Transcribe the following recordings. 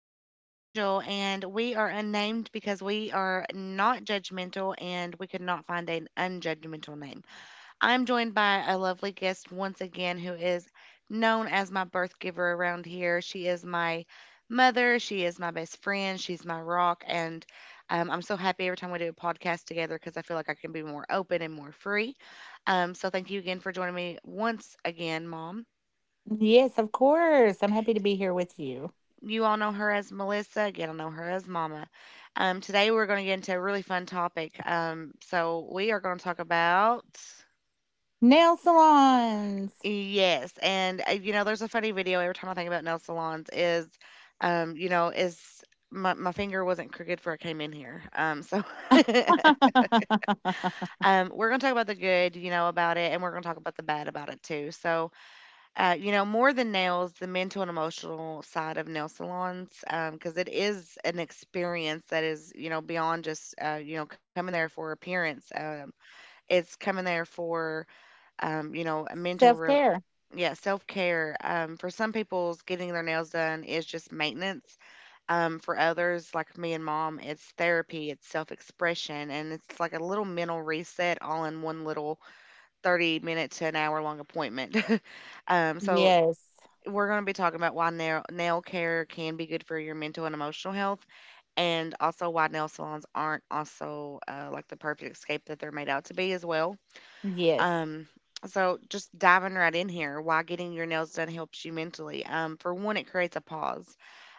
your host, Angel, and we are unnamed because we are not judgmental and we could not find an unjudgmental name. I'm joined by a lovely guest once again who is known as my birth giver around here. She is my mother, she is my best friend, she's my rock, and I'm so happy every time we do a podcast together because I feel like I can be more open and more free. Thank you again for joining me once again, Mom. Yes, of course. I'm happy to be here with you. You all know her as Melissa. Again, I know her as Mama. Today we're going to get into a really fun topic. So we are going to talk about Nail salons. yes, and you know, there's a funny video every time I think about nail salons is, is my finger wasn't crooked for I came in here. We're going to talk about the good, you know, about it, and we're going to talk about the bad about it too. So you know, more than nails, the mental and emotional side of nail salons, because it is an experience that is, you know, beyond just, you know, coming there for appearance. It's coming there for, you know, a mental, Self-care. yeah, self care. For some people's getting their nails done is just maintenance. For others, like me and mom, it's therapy, it's self expression, and it's like a little mental reset all in one little 30 minute to an hour long appointment. um, so Yes. we're going to be talking about why nail care can be good for your mental and emotional health, and also why nail salons aren't also like the perfect escape that they're made out to be as well. Yes. Um, so, just diving right in here, why getting your nails done helps you mentally. For one, it creates a pause.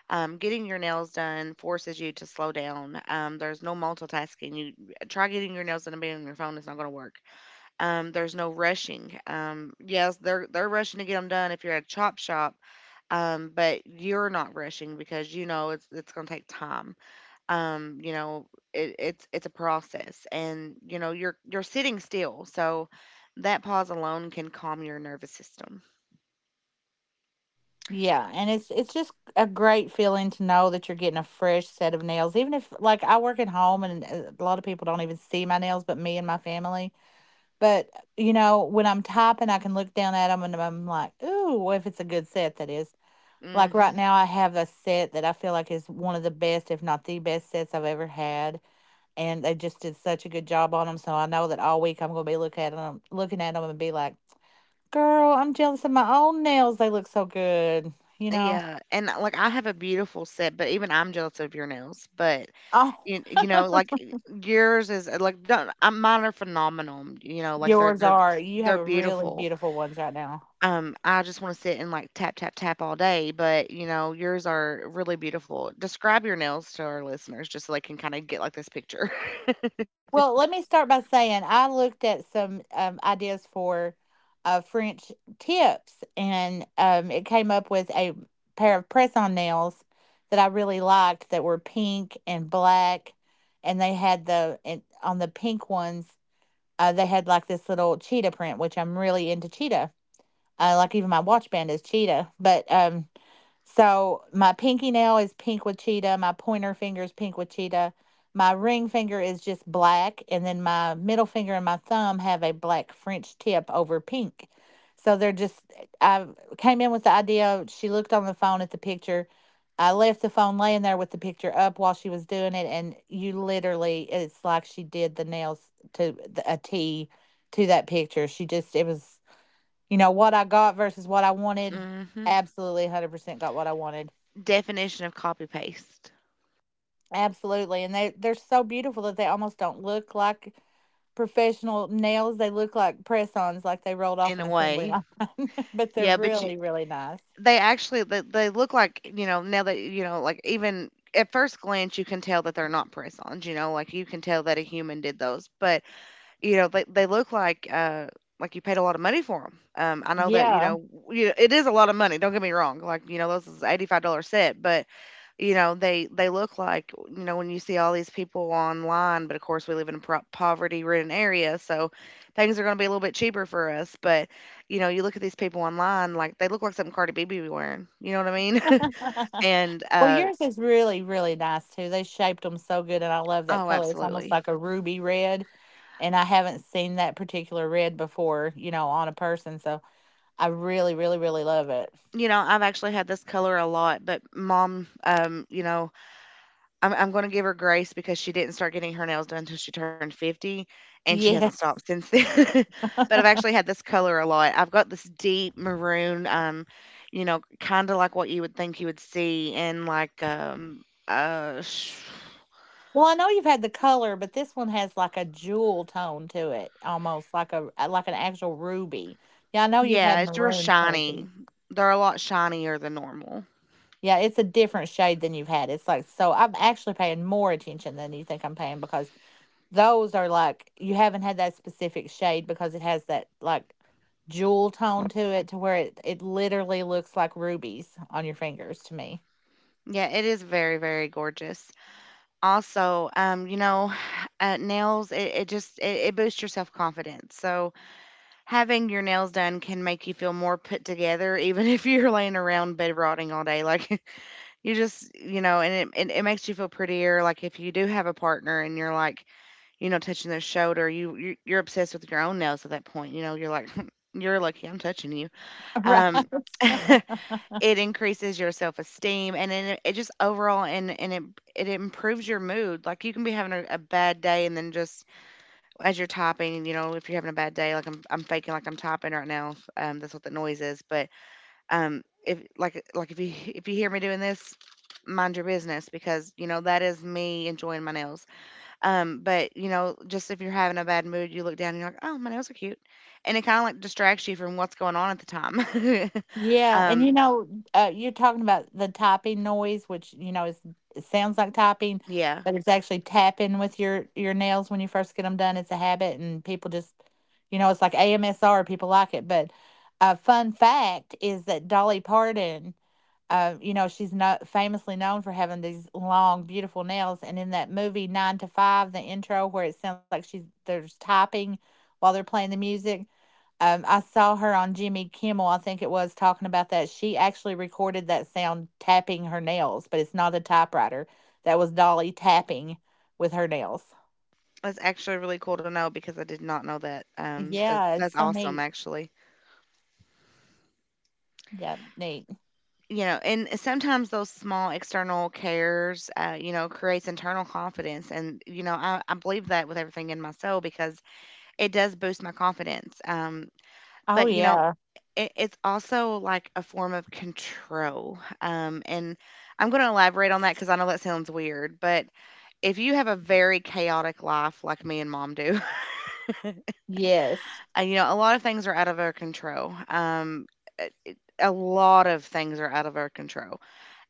Getting your nails done forces you to slow down. There's no multitasking. You try getting your nails done and being on your phone; it's not going to work. There's no rushing. Yes, they're rushing to get them done if you're at a chop shop, but you're not rushing because you know it's gonna take time. Um, you know, it's a process, and you know you're sitting still, so that pause alone can calm your nervous system. Yeah, and it's just a great feeling to know that you're getting a fresh set of nails. Even if like I work at home and a lot of people don't even see my nails but me and my family. But you know, when I'm typing, I can look down at them and I'm like, "Ooh, if it's a good set that is." Like right hmm now I have a set that I feel like is one of the best, if not the best sets I've ever had, and they just did such a good job on them. So I know that all week I'm gonna be looking at them, and be like, "Girl, I'm jealous of my own nails. They look so good." You know? Yeah, and like I have a beautiful set, but even I'm jealous of your nails. But Oh, you know, like yours is like don't mine are phenomenal. You know, like yours are. You they're have really beautiful. beautiful ones right now. I just want to sit and like tap, tap, tap all day, but you know, yours are really beautiful. Describe your nails to our listeners just so they can kind of get like this picture. Well, let me start by saying I looked at some ideas for French tips, and it came up with a pair of press-on nails that I really liked that were pink and black, and they had the and on the pink ones. They had like this little cheetah print, which I'm really into cheetah. Like even my watch band is cheetah, but so my pinky nail is pink with cheetah. My pointer finger is pink with cheetah. My ring finger is just black. And then my middle finger and my thumb have a black French tip over pink. So they're just, I came in with the idea. She looked on the phone at the picture. I left the phone laying there with the picture up while she was doing it. And you literally, it's like she did the nails to a T to that picture. She just, it was, you know, what I got versus what I wanted. hmm. Absolutely 100% got what I wanted. Definition of copy paste Absolutely, and they're so beautiful that they almost don't look like professional nails. They look like press-ons, like they rolled off in a an assembly way. line. But they're Yeah, but you, really, really nice. they actually they look like you know now that you know like even at first glance you can tell that they're not press-ons. You know, like you can tell that a human did those, but you know, they look like you paid a lot of money for 'em. I know that, you Yeah. know, you it is a lot of money, don't get me wrong, like, you know, those is $85 set, but, you know, they look like, you know, when you see all these people online, but of course, we live in a pro poverty-ridden area, so things are gonna be a little bit cheaper for us, but, you know, you look at these people online, like, they look like something Cardi B be wearing, you know what I mean? And, Well, uh yours is really, really nice too. They shaped them so good, and I love that oh, color. It's almost absolutely. like a ruby red, and I haven't seen that particular red before, you know, on a person, so I really, really, really love it. You know, I've actually had this color a lot, but mom, you know, I'm gonna give her grace because she didn't start getting her nails done until she turned 50, and she hasn't Yeah. stopped since then. But I've actually had this color a lot. I've got this deep maroon, you know, kind of like what you would think you would see in like uh sh- Well, I know you've had the color, but this one has like a jewel tone to it, almost like a like an actual ruby. Yeah, I know you've yeah, had it's real maroon shiny. plenty. They're a lot shinier than normal. Yeah, it's a different shade than you've had. It's like, so I'm actually paying more attention than you think I'm paying, because those are like, you haven't had that specific shade because it has that like jewel tone to it, to where it literally looks like rubies on your fingers to me. Yeah, it is very very gorgeous. Also, you know, nails it boosts your self confidence. So having your nails done can make you feel more put together, even if you're laying around bed rotting all day. Like, you just, you know, and it makes you feel prettier. Like, if you do have a partner and you're like, you know, touching their shoulder, you, you're obsessed with your own nails at that point. You know, you're like, you're lucky I'm touching you. Right. Um, it increases your self esteem and it just overall and it it improves your mood. Like you can be having a bad day and then just as you're typing, you know, if you're having a bad day, like I'm faking like I'm typing right now. That's what the noise is. But if if you hear me doing this, mind your business because you know that is me enjoying my nails. But you know, just if you're having a bad mood, you look down and you're like, oh, my nails are cute, and it kind of like distracts you from what's going on at the time. Yeah, and you um, know, you're talking about the tapping noise, which, you know, is, it sounds like tapping, yeah, but it's actually tapping with your nails when you first get them done. It's a habit, and people just, you know, it's like AMSR. People like it, but a fun fact is that Dolly Parton, you know, she's not famously known for having these long, beautiful nails, and in that movie Nine to Five, the intro where it sounds like she's, there's tapping while they're playing the music. I saw her on Jimmy Kimmel, I think it was, talking about that. She actually recorded that sound tapping her nails, but it's not a typewriter. That was Dolly tapping with her nails. that's actually really cool to know because I did not know that. That's Yeah, it's that's so awesome neat. actually. Yeah, neat. You know and sometimes those small external cares you know creates internal confidence and you know I believe that with everything in my soul because it does boost my confidence Oh, but you know yeah. It's also like a form of control and I'm going to elaborate on that because I know that sounds weird but if you have a very chaotic life like me and mom do Yes. You know a lot of things are out of our control a a lot of things are out of our control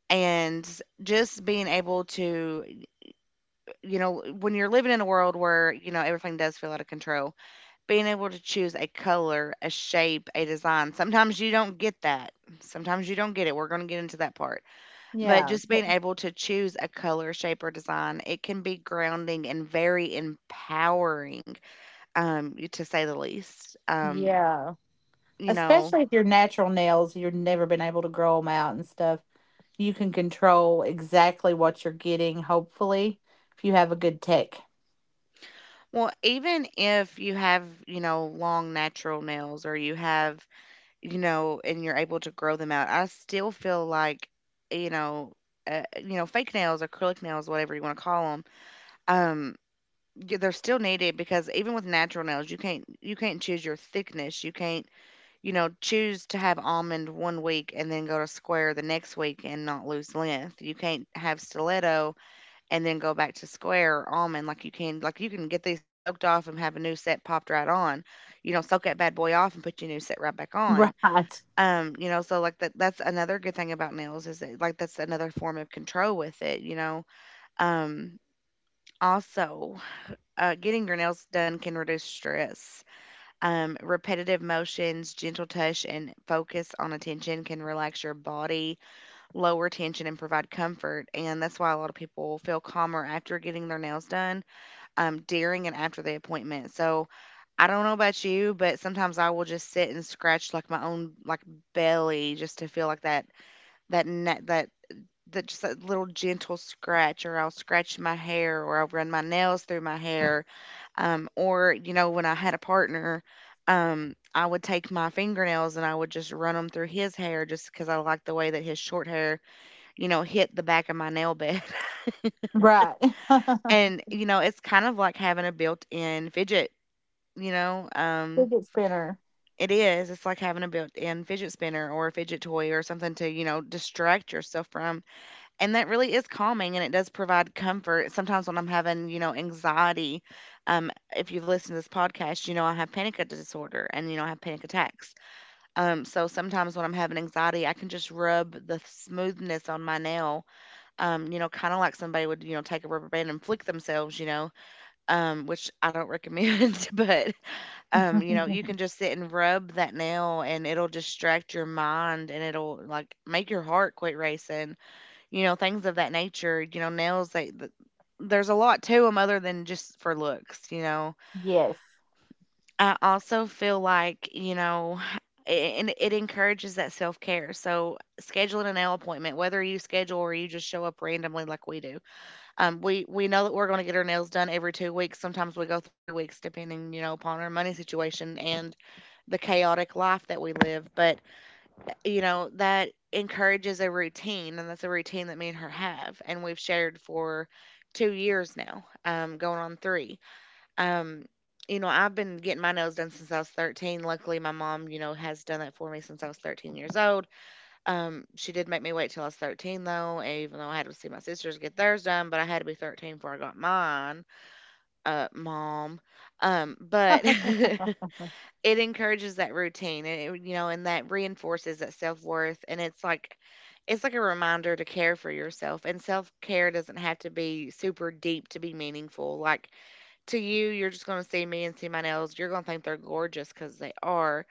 and just being able to you know when you're living in a world where you know everything does feel out of control being able to choose a color a shape a design sometimes you don't get that sometimes you don't get it we're going to get into that part but Yeah. just being It- able to choose a color shape or design it can be grounding and very empowering to say the least Yeah. you know Especially if you're natural nails, you've never been able to grow them out and stuff. You can control exactly what you're getting, hopefully, if you have a good tech. well even if you have you know long natural nails or you have you know, and you're able to grow them out. I still feel like, you know, you know, fake nails, acrylic nails, whatever you want to call them, um, they're still needed because even with natural nails, you can't choose your thickness. You can't, you know, choose to have almond one week and then go to square the next week and not lose length. You can't have stiletto and then go back to square or almond like you can. Like you can get these soaked off and have a new set popped right on. You know, soak that bad boy off and put your new set right back on Right. You know, so like that's another good thing about nails is that like that's another form of control with it, you know. Um also, getting your nails done can reduce stress. Repetitive motions, gentle touch, and focus on attention can relax your body, lower tension, and provide comfort. And that's why a lot of people feel calmer after getting their nails done, during and after the appointment. So I don't know about you, but sometimes I will just sit and scratch like my own like belly just to feel like that that na that that just that little gentle scratch, or I'll scratch my hair, or I'll run my nails through my hair, or, you know, when I had a partner, I would take my fingernails and I would just run them through his hair just because I liked the way that his short hair, you know, hit the back of my nail bed. Right. And, you know, it's kind of like having a built-in fidget, you know, Fidget spinner. it is, it's like having a built-in fidget spinner or a fidget toy or something to, you know, distract yourself from. And that really is calming and it does provide comfort. Sometimes when I'm having, you know, anxiety, um, if you've listened to this podcast, you know I have panic disorder and you know I have panic attacks. So sometimes when I'm having anxiety, I can just rub the smoothness on my nail, kind of like somebody would, take a rubber band and flick themselves, which I don't recommend, but you know, you can just sit and rub that nail and it'll distract your mind and it'll like make your heart quit racing. You know, things of that nature, you know, nails, there's a lot to them other than just for looks, you know. Yes. I also feel like, you know, and it encourages that self care. So scheduling a nail appointment, whether you schedule or you just show up randomly like we do, we know that we're going to get our nails done every 2 weeks. Sometimes we go 3 weeks, depending, you know, upon our money situation and the chaotic life that we live. But you know, that encourages a routine, and that's a routine that me and her have, and we've shared for 2 years now, going on 3. Um, you know, I've been getting my nails done since I was 13. Luckily, my mom, you know, has done that for me since I was 13 years old. She did make me wait till I was 13, though, and even though I had to see my sisters get theirs done, but I had to be 13 before I got mine, mom. But it encourages that routine and it, you know and that reinforces that self-worth, and it's like a reminder to care for yourself, and self-care doesn't have to be super deep to be meaningful. Like to you, you're just going to see me and see my nails. You're going to think they're gorgeous because they are.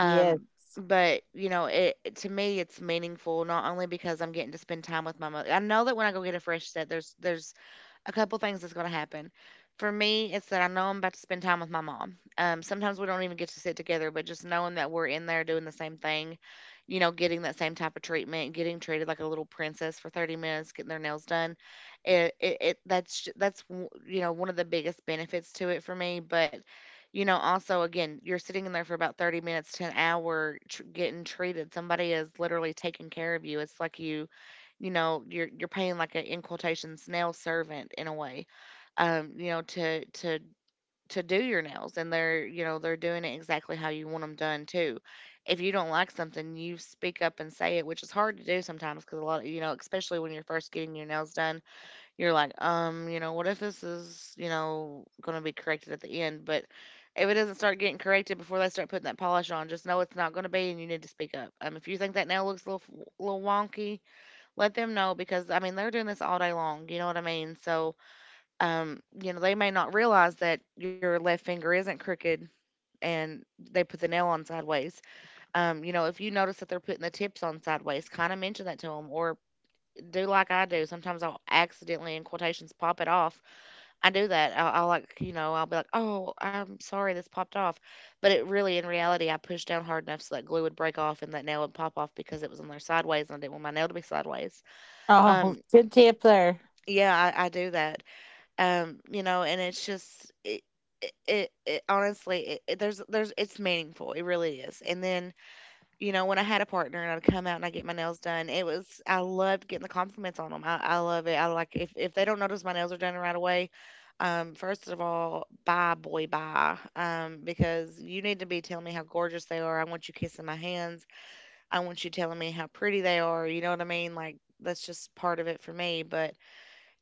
Yes. but you know, it, to me, it's meaningful not only because I'm getting to spend time with my mother. I know that when I go get a fresh set, there's a couple things that's going to happen. For me, it's that I know I'm about to spend time with my mom. Sometimes we don't even get to sit together, but just knowing that we're in there doing the same thing, you know, getting that same type of treatment, getting treated like a little princess for 30 minutes, getting their nails done, it that's j- that's w- you know, one of the biggest benefits to it for me. But you know, also again, you're sitting in there for about 30 minutes to an hour, getting treated. Somebody is literally taking care of you. It's like you know, you're paying like a, in quotations, nail servant in a way, um, you know, to to to do your nails, and they're you know they're doing it exactly how you want them done too. If you don't like something, you speak up and say it, which is hard to do sometimes because a lot, of you know, especially when you're first getting your nails done, you're like, you know, what if this is, you know, going to be corrected at the end? But if it doesn't start getting corrected before they start putting that polish on, just know it's not going to be, and you need to speak up. If you think that nail looks a little, little wonky, let them know because I mean they're doing this all day long, you know what I mean? So, you know, they may not realize that your left finger isn't crooked and they put the nail on sideways. You know, if you notice that they're putting the tips on sideways, kind of mention that to them or do like I do. Sometimes I'll accidentally, in quotations, pop it off. I do that. I'll like, you know, I'll be like, oh, I'm sorry, this popped off. But it really, in reality, I pushed down hard enough so that glue would break off and that nail would pop off because it was on there sideways and I didn't want my nail to be sideways. Oh, Um, good tippler. Yeah, I do that. You know, and it's just it it, it, it honestly there's it's meaningful. It really is. And then, you know, when I had a partner and I'd come out and I get my nails done, it was, I loved getting the compliments on them. I love it. I like, if they don't notice my nails are done right away, first of all, bye boy bye. Because you need to be telling me how gorgeous they are. I want you kissing my hands. I want you telling me how pretty they are. You know what I mean? Like that's just part of it for me, but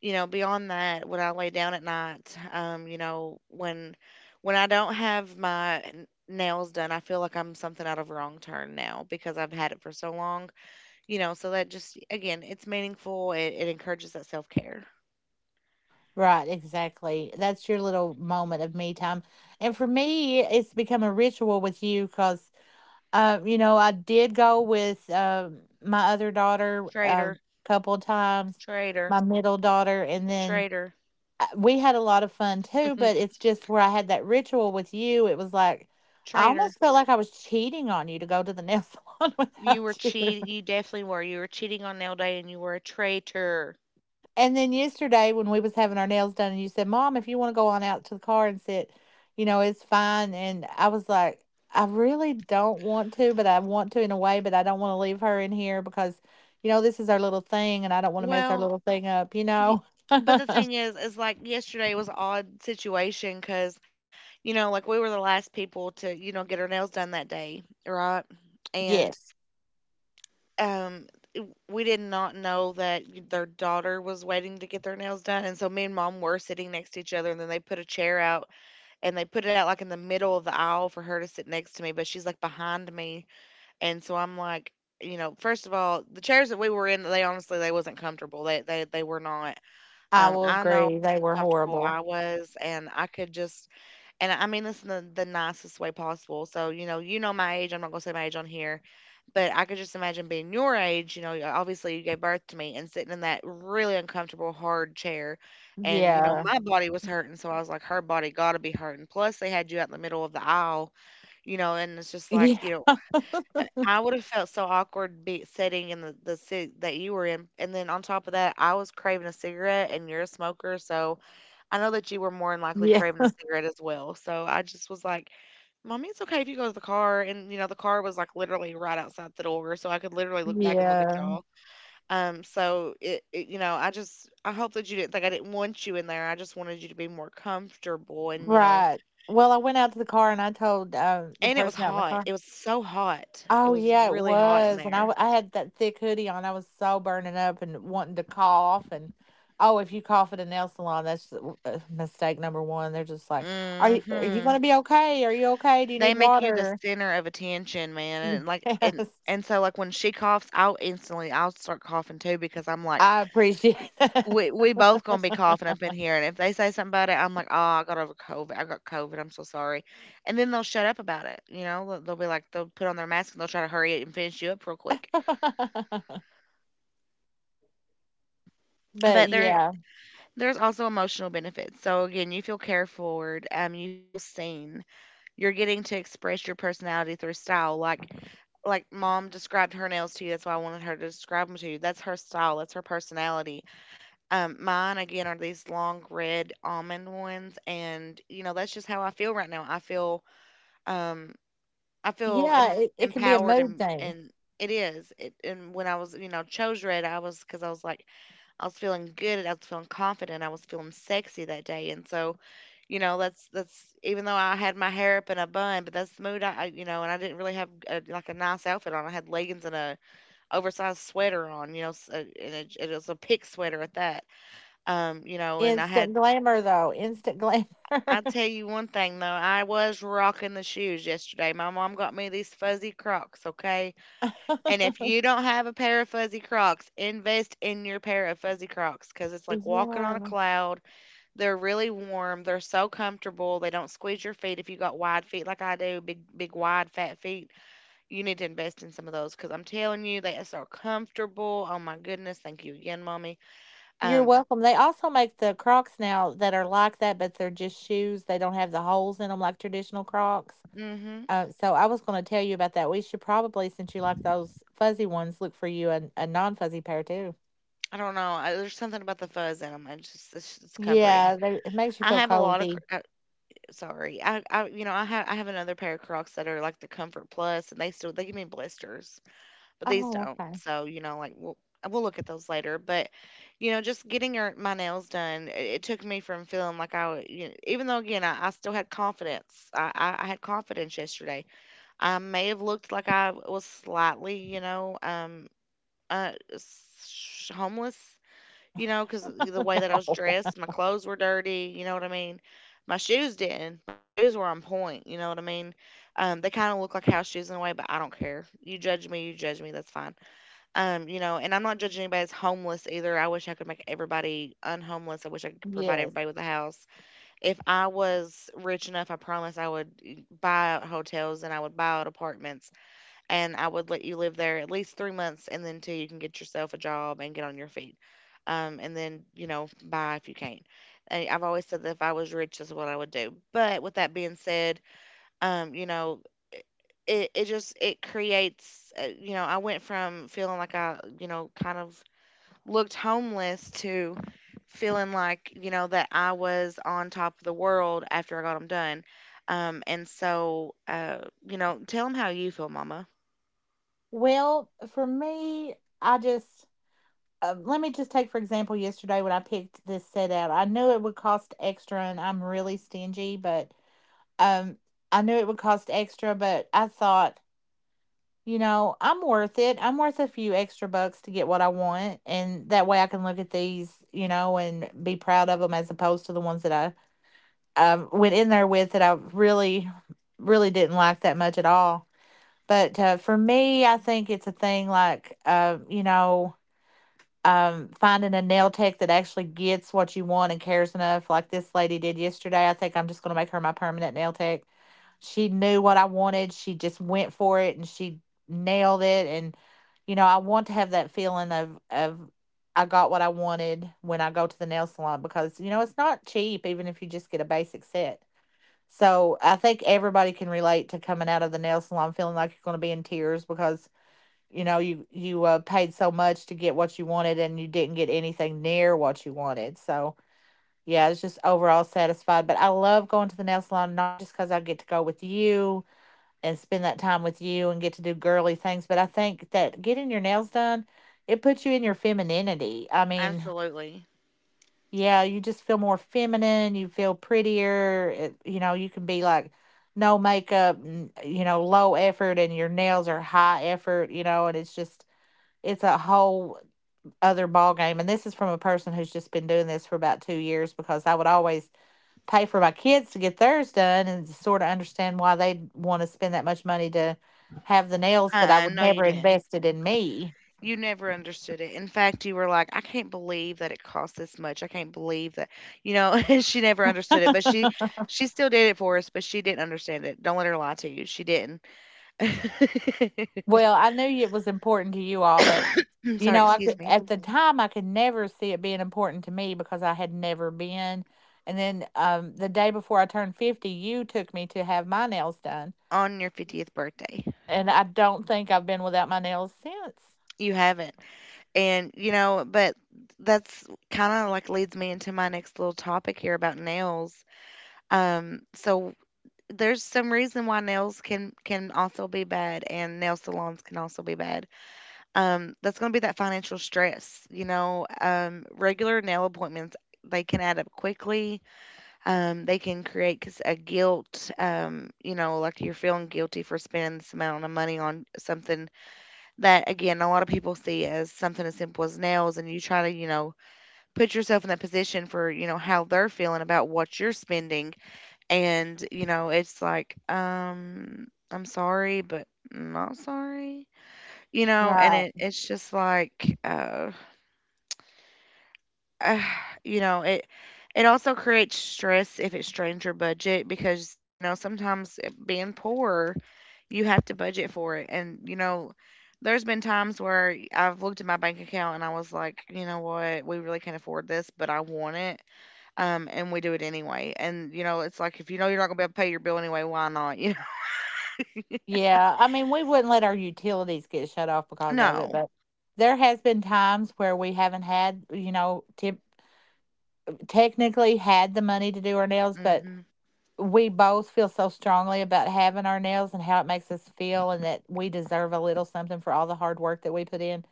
you know, beyond that, when I lay down at night, you know, when I don't have my nails done, I feel like I'm something out of Wrong Turn now because I've had it for so long. You know, so that, just again, it's meaningful. It encourages that self care. Right, exactly. That's your little moment of me time. And for me, it's become a ritual with you because, you know, I did go with my other daughter a Traitor, couple of times, traitor, my middle daughter, and then traitor, we had a lot of fun too. But it's just where I had that ritual with you, it was like I traitor. almost felt like I was cheating on you to go to the nail salon You were without you. cheat. You definitely were. You were cheating on nail day, and you were a traitor. And then yesterday when we was having our nails done and you said, "Mom, if you want to go on out to the car and sit, you know, it's fine." And I was like, "I really don't want to, but I want to in a way, but I don't want to leave her in here because, you know, this is our little thing and I don't want to mess our Well, little thing up, you y- know." but the thing is like yesterday was an odd situation because, you know, like, we were the last people to, you know, get our nails done that day, right? And, Yes, um, w we did not know that their daughter was waiting to get their nails done, and so me and mom were sitting next to each other, and then they put a chair out, and they put it out, like, in the middle of the aisle for her to sit next to me, but she's, like, behind me, and so I'm like, you know, first of all, the chairs that we were in, they honestly they wasn't comfortable, they were not. I will I know agree. how They were uncomfortable horrible. I was, and I could just, and I mean this in the nicest way possible. So, you know my age. I'm not going to say my age on here, but I could just imagine being your age. You know, obviously you gave birth to me and sitting in that really uncomfortable, hard chair. And, you know, Yeah. my body was hurting. So I was like, her body got to be hurting. Plus, they had you out in the middle of the aisle, you know, and it's just Yeah. like, you know, I would have felt so awkward be sitting in the seat that you were in, and then on top of that, I was craving a cigarette, and you're a smoker, so I know that you were more than likely Yeah. craving a cigarette as well. So I just was like, "Mommy, it's okay if you go to the car," and you know the car was like literally right outside the door, so I could literally look back and look at Yeah. y'all. So it, it, you know, I just I hope that you didn't think I didn't want you in there. I just wanted you to be more comfortable, and you know, Right. Well, I went out to the car and I told the and it was person out in the hot. car. It was so hot. It Oh, was yeah, it really hot in was, and there. I had that thick hoodie on, I was so burning up and wanting to cough, and, oh, if you cough at a nail salon, that's the w mistake number 1, they're just like, "Are you gonna Hmm. be okay? Are you okay? Do you They need make you the water?" center of attention, man, and like, Yes, and so, like, when she coughs, I'll instantly I'll start coughing too because I'm like, I appreciate that. we both gonna be coughing up in here, and if they say something about it, I'm like, oh, I got over COVID, I got COVID, I'm so sorry, and then they'll shut up about it, you know, they'll be like, they'll put on their mask and they'll try to hurry it and finish you up real quick, But, but there, yeah. there's also emotional benefits. So again, you feel cared for, you feel seen, you're getting to express your personality through style, like mom described her nails to you. That's why I wanted her to describe them to you. That's her style. That's her personality. Mine again are these long red almond ones, and you know that's just how I feel right now. I feel, um, I feel Yeah, it can be a empowered, mood thing. and it is. It, and when I was, you know, chose red, I was, because I was like, I was feeling good. I was feeling confident. I was feeling sexy that day, and so you know that's, even though I had my hair up in a bun, but that's the mood I, you know, and I didn't really have a, like a nice outfit on. I had leggings and a oversized sweater on, you know, s and it was a pig sweater at that, you know, and I Instant had, glamour, though, instant glamour. I'll tell you one thing, though, I was rocking the shoes yesterday. My mom got me these fuzzy Crocs, okay? And if you don't have a pair of fuzzy Crocs, invest in your pair of fuzzy Crocs because it's like walking on a Yeah. cloud. They're really warm. They're so comfortable. They don't squeeze your feet if you got wide feet like I do, big, big, wide, fat feet. You need to invest in some of those because 'cause I'm telling you, they are so comfortable. Oh my goodness. Thank you again, mommy. You're Um, welcome. They also make the Crocs now that are like that, but they're just shoes. They don't have the holes in them like traditional Crocs. mhm. So I was going to tell you about that. We should probably, since you like those fuzzy ones, look for you a non-fuzzy pair too. I don't know. There's something about the fuzz in 'em. It's comforting. Yeah, they, it makes you I feel have a lot of cr- cozy. Sorry. I you know I have another pair of Crocs that are like the Comfort Plus, and they still they give me blisters, but these Oh, don't. okay. So you know, like, we'll look at those later. But you know, just getting your my nails done, it took me from feeling like I w- you know, even though again I still had confidence. I had confidence yesterday. I may have looked like I was slightly homeless, you know, because the way that I was dressed, my clothes were dirty, you know what I mean? My shoes didn't. My shoes were on point, you know what I mean? They kind of look like house shoes in a way, but I don't care. You judge me, that's fine. You know, and I'm not judging anybody as homeless either. I wish I could make everybody unhomeless. I wish I could provide Yes. everybody with a house. If I was rich enough, I promise I would buy out hotels and I would buy out apartments and I would let you live there at least 3 months and then till you can get yourself a job and get on your feet. And then, you know, buy if you can. And I've always said that if I was rich, that's what I would do. But with that being said, you know, it just it creates you know, I went from feeling like i, you know, kind of looked homeless to feeling like, you know, that I was on top of the world after I got them done. And so you know, tell them how you feel, mama. Well, for me, I just let me just take for example yesterday when I picked this set out. I knew it would cost extra, and I'm really stingy, but Um, I knew it would cost extra, but I thought, you know, I'm worth it. I'm worth a few extra bucks to get what I want, and that way I can look at these, you know, and be proud of them as opposed to the ones that I went in there with, that I really, really didn't like that much at all. But for me, I think it's a thing like, you know, finding a nail tech that actually gets what you want and cares enough, like this lady did yesterday. I think I'm just going to make her my permanent nail tech. She knew what I wanted. She just went for it and she nailed it. And you know, I want to have that feeling of, I got what I wanted when I go to the nail salon, because you know it's not cheap even if you just get a basic set. So I think everybody can relate to coming out of the nail salon feeling like you're going to be in tears because you know you paid so much to get what you wanted and you didn't get anything near what you wanted. So yeah, I was just overall satisfied. But I love going to the nail salon not just because I get to go with you and spend that time with you and get to do girly things. But I think that getting your nails done, it puts you in your femininity. I mean, Absolutely. yeah, you just feel more feminine. You feel prettier. It, you know, you can be like no makeup, you know, low effort, and your nails are high effort, you know, and it's just, it's a whole other ball game, and this is from a person who's just been doing this for about 2 years because I would always pay for my kids to get theirs done and sort of understand why they'd want to spend that much money to have the nails, but I Uh-uh, would no, you never didn't. invest it in me. You never understood it. In fact, you were like, I can't believe that it cost this much. I can't believe that, you know, she never understood it, but she still did it for us, but she didn't understand it. Don't let her lie to you. She didn't. Well, I knew it was important to you all, but I'm you sorry, know I excuse could, me. at the time I could never see it being important to me because I had never been, and then the day before I turned 50 you took me to have my nails done, On your 50th birthday. and I don't think I've been without my nails since. You haven't. And, you know, but that's kind of like leads me into my next little topic here about nails. So there's some reason why nails can also be bad and nail salons can also be bad. That's going to be that financial stress, you know. Regular nail appointments, they can add up quickly. They can create 'cause a guilt, you know, like you're feeling guilty for spending this amount of money on something that, again, a lot of people see as something as simple as nails, and you try to, you know, put yourself in that position for, you know, how they're feeling about what you're spending. And, you know, it's like, I'm sorry, but not sorry. You know, and it Right. it's just like uh you know, it also creates stress if it strains your budget because, you know, sometimes being poor, you have to budget for it. And, you know, there's been times where I've looked at my bank account and I was like, you know what, we really can't afford this, but I want it. And we do it anyway. And, you know, it's like, if you know you're not gonna be able to pay your bill anyway, why not? You know? Yeah, I mean, we wouldn't let our utilities get shut off because of it, No. but there has been times where we haven't had, you know, tip technically had the money to do our nails, but Mhm. we both feel so strongly about having our nails and how it makes us feel and that we deserve a little something for all the hard work that we put in.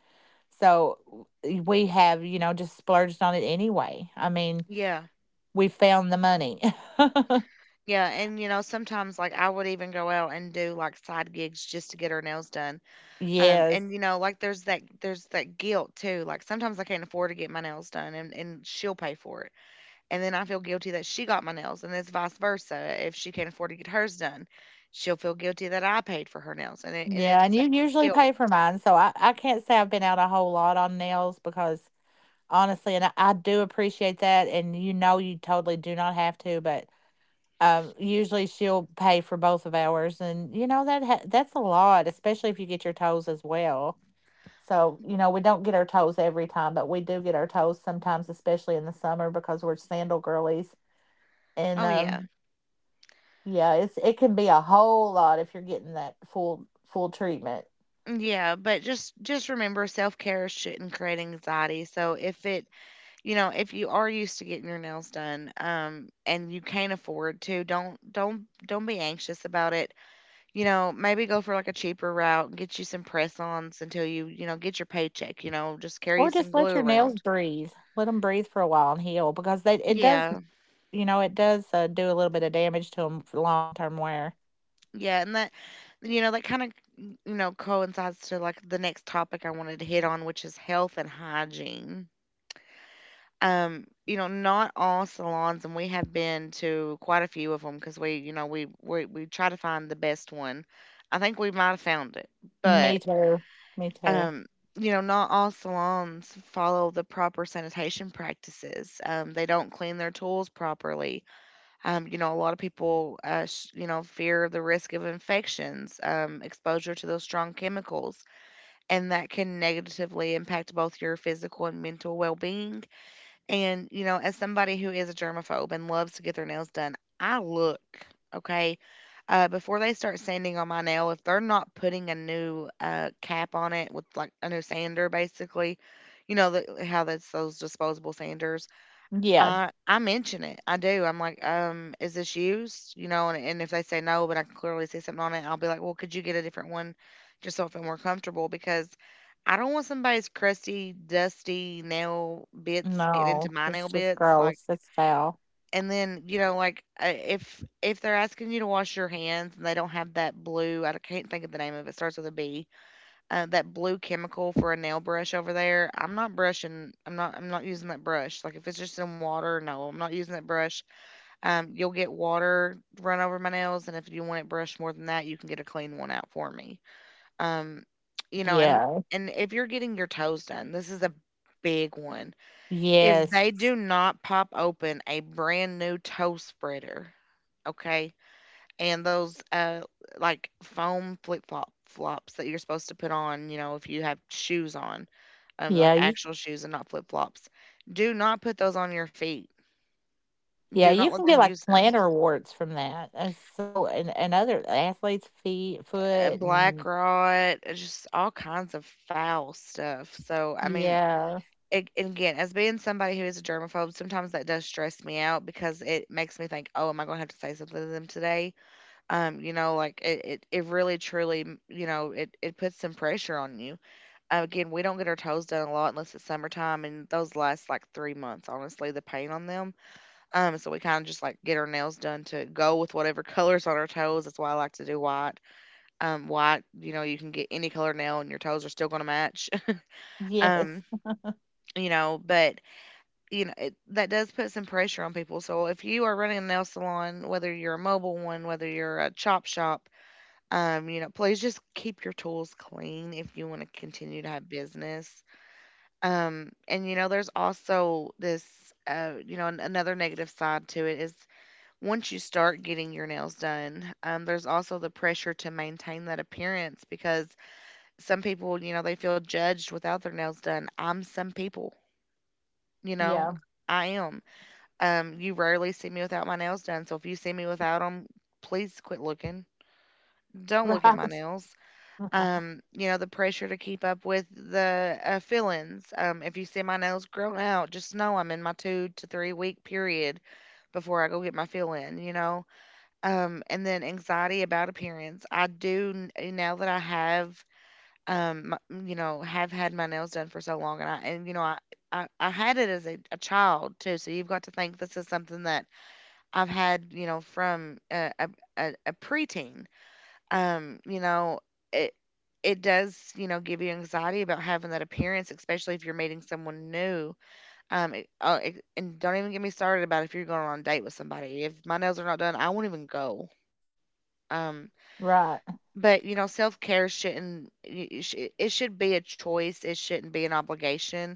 So we have, you know, just splurged on it anyway. I mean, Yeah. we found the money. Yeah, and, you know, sometimes, like, I would even go out and do, like, side gigs just to get her nails done, Yes. and, you know, like, there's that guilt too, like, sometimes I can't afford to get my nails done, and she'll pay for it, and then I feel guilty that she got my nails, and it's vice versa. If she can't afford to get hers done, she'll feel guilty that I paid for her nails, and it and Yeah, and it's that you usually guilt. pay for mine, so I can't say I've been out a whole lot on nails because honestly, and I do appreciate that, and you know you totally do not have to, but usually she'll pay for both of ours, and you know that ha that's a lot, especially if you get your toes as well. So you know we don't get our toes every time, but we do get our toes sometimes, especially in the summer because we're sandal girlies, and Oh, yeah. um, yeah, it can be a whole lot if you're getting that full treatment. Yeah, but just remember, self-care shouldn't create anxiety. So if it, you know, if you are used to getting your nails done, and you can't afford to, don't be anxious about it. You know, maybe go for like a cheaper route and get you some press-ons until you know, get your paycheck. You know, just carry Or some just let glue your nails around. breathe. Let them breathe for a while and heal because they it does, Yeah. you know, it does, do a little bit of damage to them for long-term wear. Yeah, and that, you know, that kind of, you know, coincides to like the next topic I wanted to hit on, which is health and hygiene. You know, not all salons, and we have been to quite a few of them because we, you know, we try to find the best one. I think we might have found it, Me but too. Me too. um, you know, not all salons follow the proper sanitation practices. They don't clean their tools properly. You know, a lot of people, you know, fear the risk of infections, exposure to those strong chemicals, and that can negatively impact both your physical and mental well-being. And, you know, as somebody who is a germaphobe and loves to get their nails done, I look, okay? Before they start sanding on my nail, if they're not putting a new cap on it with like a new sander, basically, you know, how that's those disposable sanders, Yeah. I mention it. I do. I'm like, is this used? You know, and if they say no, but I can clearly see something on it, I'll be like, well, could you get a different one just so I feel more comfortable? Because I don't want somebody's crusty, dusty nail bits getting No, into my it's nail just bits. Like, gross. It's foul. and then you know, like, if they're asking you to wash your hands and they don't have that blue, I can't think of the name of it. Starts with a B, that blue chemical for a nail brush over there. I'm not brushing. I'm not. I'm not using that brush. Like, if it's just in water, no, I'm not using that brush. You'll get water run over my nails, and if you want it brushed more than that, you can get a clean one out for me. Um, you know, and Yeah. and if you're getting your toes done, this is a big one. If Yes. they do not pop open a brand new toe spreader, okay, and those like foam flip flop flops that you're supposed to put on, you know, if you have shoes on, like Yeah, you actual shoes and not flip flops. Do not put those on your feet. yeah, Do not you let can them get, like, use them. plantar warts from that, and and other athletes' feet, foot, Black and rot, just all kinds of foul stuff. So I mean, yeah. And again, as being somebody who is a germaphobe, sometimes that does stress me out because it makes me think, oh, am I going to have to say something to them today? You know, like, it really truly, you know, it puts some pressure on you. Again, we don't get our toes done a lot unless it's summertime, and those last like 3 months, honestly, the paint on them. So we kind of just like get our nails done to go with whatever colors on our toes. That's why I like to do white. White, you know, you can get any color nail, and your toes are still going to match. Yes. Um, you know, but you know, that does put some pressure on people. So if you are running a nail salon, whether you're a mobile one, whether you're a chop shop, you know, please just keep your tools clean if you want to continue to have business. And you know, there's also this, you know, another negative side to it is, once you start getting your nails done, there's also the pressure to maintain that appearance because some people, you know, they feel judged without their nails done. I'm some people, you know, Yeah. I am. You rarely see me without my nails done. So if you see me without them, please quit looking. Don't look at my Right. nails. Right. You know, the pressure to keep up with the fillings. If you see my nails grown out, just know I'm in my 2 to 3 week period before I go get my fill in, you know. And then anxiety about appearance. I do n- eh, Now that I have, have had my nails done for so long, and I and you know I. I had it as a child too, so you've got to think this is something that I've had, from a preteen. um, you know, it it does, give you anxiety about having that appearance, especially if you're meeting someone new. And don't even get me started about if you're going on a date with somebody. If my nails are not done, I won't even go. Um, Right. but self care shouldn't. It should be a choice. It shouldn't be an obligation.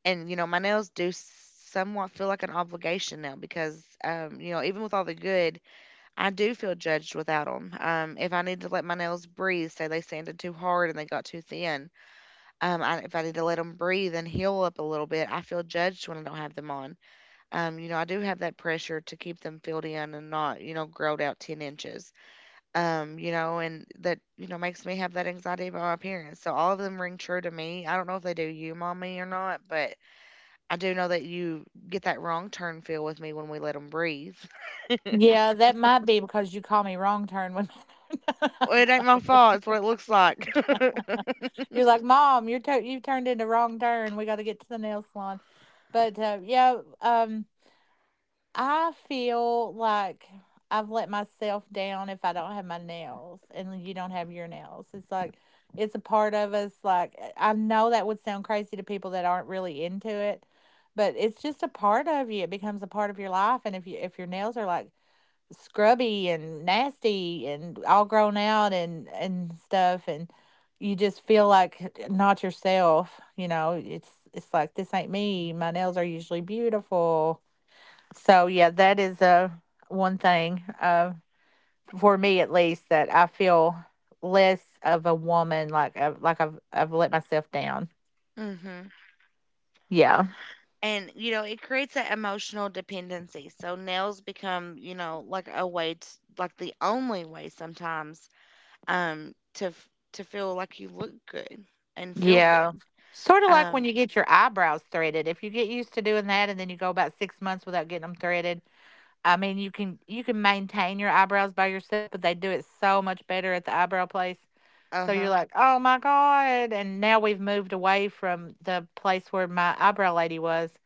And my nails do somewhat feel like an obligation now because, even with all the good I do feel judged without 'em. If I need to let my nails breathe, say they sanded too hard and they got too thin, if I need to let them breathe and heal up a little bit, I feel judged when I don't have them on. I do have that pressure to keep them filled in and not, growed out 10 inches. And that, makes me have that anxiety about my appearance. So all of them ring true to me. I don't know if they do you, mommy, or not, but I do know that you get that wrong turn feel with me when we let them breathe. Yeah, that might be because you call me wrong turn when Well, it ain't my fault. It's what it looks like. you're like, "Mom, you're you turned into wrong turn. We got to get to the nail salon." But I feel like I've let myself down if I don't have my nails, and you don't have your nails. It's like it's a part of us. Like I know that would sound crazy to people that aren't really into it, but it's just a part of you. It becomes a part of your life, and if your nails are like scrubby and nasty and all grown out and stuff and you just feel like not yourself. You know, it's like this ain't me. My nails are usually beautiful, so yeah, that is a one thing, for me at least, that I feel less of a woman. Like I've let myself down. Mhm. Yeah. And it creates that emotional dependency. So nails become, like a way to, like the only way sometimes to feel like you look good and feel Yeah, good. sort of like when Um you get your eyebrows threaded, if you get used to doing that and then you go about 6 months without getting them threaded. I mean, you can maintain your eyebrows by yourself, but they do it so much better at the eyebrow place. So you're uh-huh. like, "Oh my God." And now we've moved away from the place where my eyebrow lady was,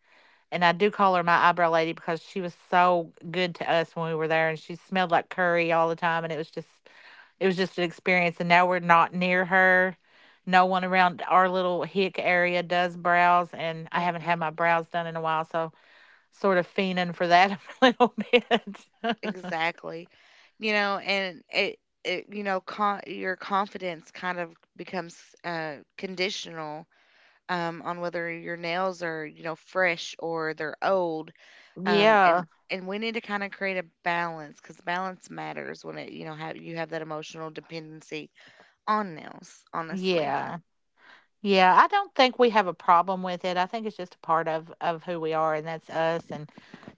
and I do call her my eyebrow lady because she was so good to us when we were there and she smelled like curry all the time, and it was just, it was just an experience, and now we're not near her. No one around our little hick area does brows, and I haven't had Mm-mm. my brows done in a while, so sort of fiending for that a little bit. Exactly. And it it you know, con- your confidence kind of becomes conditional on whether your nails are, fresh or they're old. um Yeah, and and we need to kind of create a balance because balance matters when it you know have you have that emotional dependency on nails honestly. yeah, yeah. I don't think we have a problem with it. I think it's just a part of who we are, and that's us. And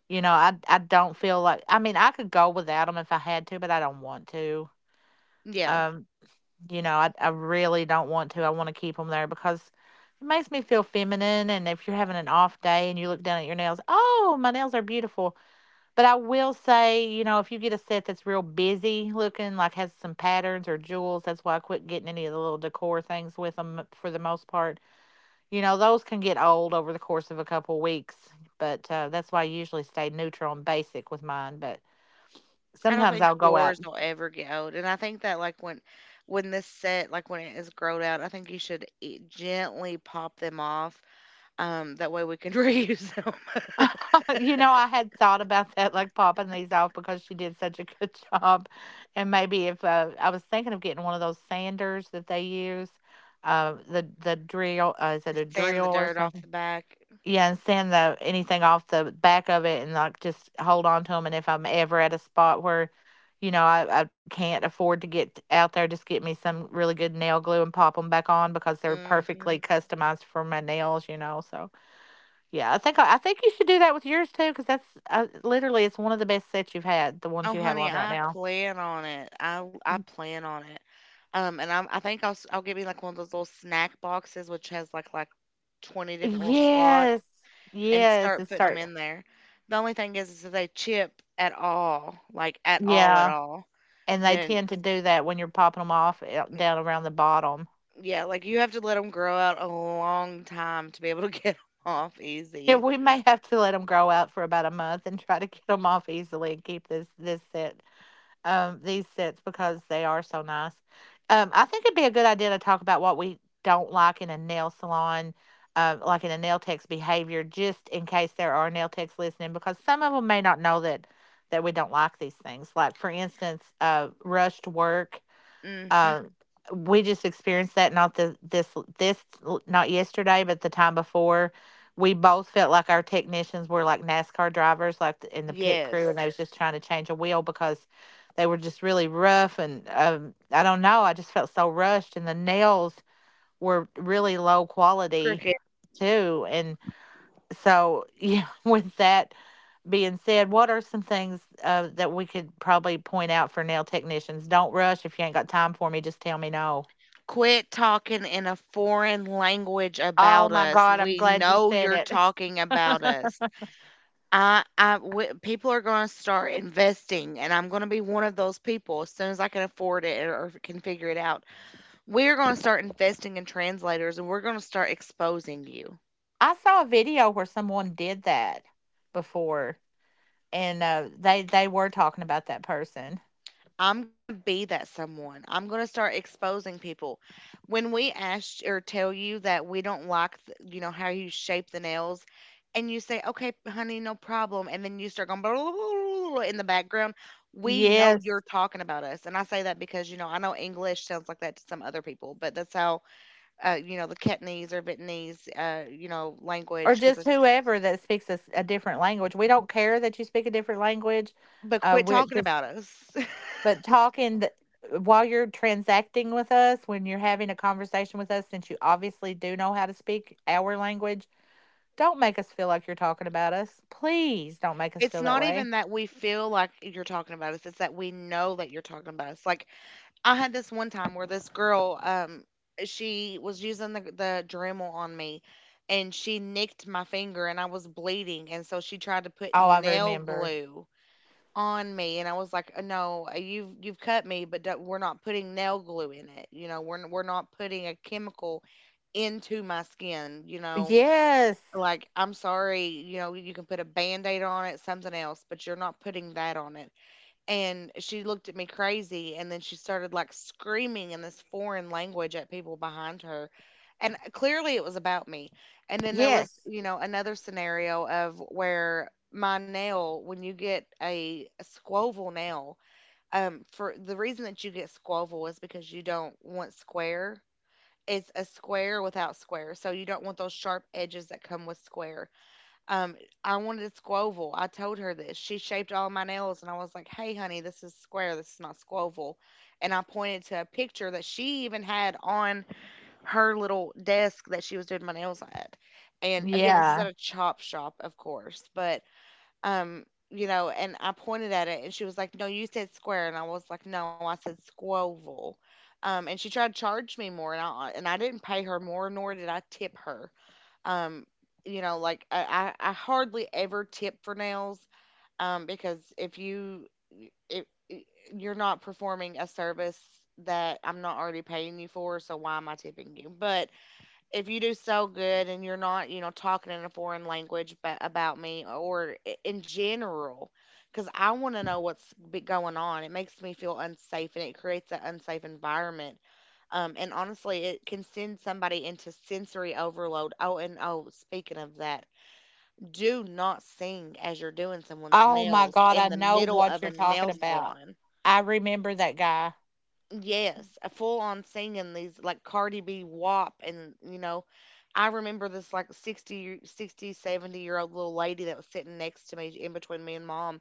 you know, I don't feel like, I mean, I could go without them if I had to, but I don't want to. Yeah, Um, you know, I really don't want to. I want to keep them there because it makes me feel feminine, and if you're having an off day and you look down at your nails, oh, my nails are beautiful. But I will say, you know, if you get a set that's real busy looking, like has some patterns or jewels, that's why I quit getting any of the little decor things with them for the most part. You know, those can get old over the course of a couple weeks, but that's why I usually stay neutral and basic with mine. But I don't sometimes think I'll go yours out. will ever get old, and I think that, like, when this set like when it is growed out I think you should gently pop them off, that way we can reuse them You know, I had thought about that, like popping these off because she did such a good job. And maybe if, I was thinking of getting one of those sanders that they use, the drill, is it a sand drill the or dirt off something? the back. Yeah, and sand the anything off the back of it and, like, just hold on to them, and if I'm ever at a spot where, you know, I can't afford to get out there, just get me some really good nail glue and pop them back on because they're Hmm. perfectly customized for my nails, you know, so yeah, I think you should do that with yours too because that's, literally, it's one of the best sets you've had, the ones Oh, you have honey, on right I now. plan on it. I plan on it. I think I'll get me like one of those little snack boxes, which has like 20 different little slots, Yes. and Yes, start it putting them start. in there. The only thing is if they chip at all, like at Yeah, all, and they then tend to do that when you're popping them off, eh, mm, down around the bottom. yeah, like you have to let them grow out a long time to be able to get 'em off Yeah, easy. we may have to let them grow out for about a month and try to get them off easily and keep this set, these sets, because they are so nice. I think it'd be a good idea to talk about what we don't like in a nail salon, like in a nail tech's behavior, just in case there are nail techs listening, because some of them may not know that we don't like these things. Like for instance, rushed work, Hmm. um, we just experienced that, not the this this not yesterday, but the time before. We both felt like our technicians were like NASCAR drivers, like in the pit crew, and they Yes, was just trying to change a wheel because they were just really rough. And I don't know, I just felt so rushed, and the nails were really low quality cricket. too. And so, yeah, with that being said, what are some things, that we could probably point out for nail technicians? Don't rush if you ain't got time for me. Just tell me no. Quit talking in a foreign language Oh about my us. God, I'm We glad you know said you're it. talking about us. People are going to start investing, and I'm going to be one of those people as soon as I can afford it or can figure it out. We're going to start investing in translators, and we're going to start exposing you. I saw a video where someone did that before, and they were talking about that person. I'm gonna be that someone. I'm gonna start exposing people. When we ask or tell you that we don't like, how you shape the nails, and you say, "Okay, honey, no problem," and then you start going blah, blah, blah, blah, blah in the background, we know you're Yes, talking about us. And I say that because I know English sounds like that to some other people, but that's how, the Ketanese or Vietnamese or language. Because just it's whoever that speaks a different language. We don't care that you speak a different language. but quit We're talking about just us. but talking th- While you're transacting with us, when you're having a conversation with us, since you obviously do know how to speak our language, don't make us feel like you're talking about us. Please don't make us It's feel that not way. even that we feel like you're talking about us, it's that we know that you're talking about us. Like, I had this one time where this girl, she was using the Dremel on me, and she nicked my finger, and I was bleeding, and so she tried to put Oh, I nail remember. glue on me, and I was like, no, you've cut me, but don't, we're not putting nail glue in it. We're we're not putting a chemical into my skin. You know, Yes. like, I'm sorry, you can put a band-aid on it, something else, but you're not putting that on it." And she looked at me crazy, and then she started like screaming in this foreign language at people behind her. And clearly it was about me. And then there was, Yes. Another scenario of where my nail, when you get a squoval nail, for the reason that you get squoval is because you don't want square. It's a square without square. So you don't want those sharp edges that come with square. Um, I wanted a squoval. I told her this. She shaped all my nails, and I was like, "Hey, honey, this is square. This is not squoval." And I pointed to a picture that she even had on her little desk that she was doing my nails at. And again, this is Yeah. at a chop shop, of course, but um, and I pointed at it, and she was like, "No, you said square," and I was like, "No, I said squoval." And she tried to charge me more, and I didn't pay her more, nor did I tip her. um, like, I hardly ever tip for nails, because if you if you're not performing a service that I'm not already paying you for, so why am I tipping you? But if you do so good and you're not, talking in a foreign language but about me or in general, because I want to know what's going on. It makes me feel unsafe, and it creates an unsafe environment. And honestly, it can send somebody into sensory overload. Oh, speaking of that, do not sing as you're doing someone's Oh my nails God. in I the know middle what of you're a talking nail about. salon. I remember that guy. Yes, a full on singing these like Cardi B WAP, and I remember this like 60, 60, 70 year old little lady that was sitting next to me in between me and mom.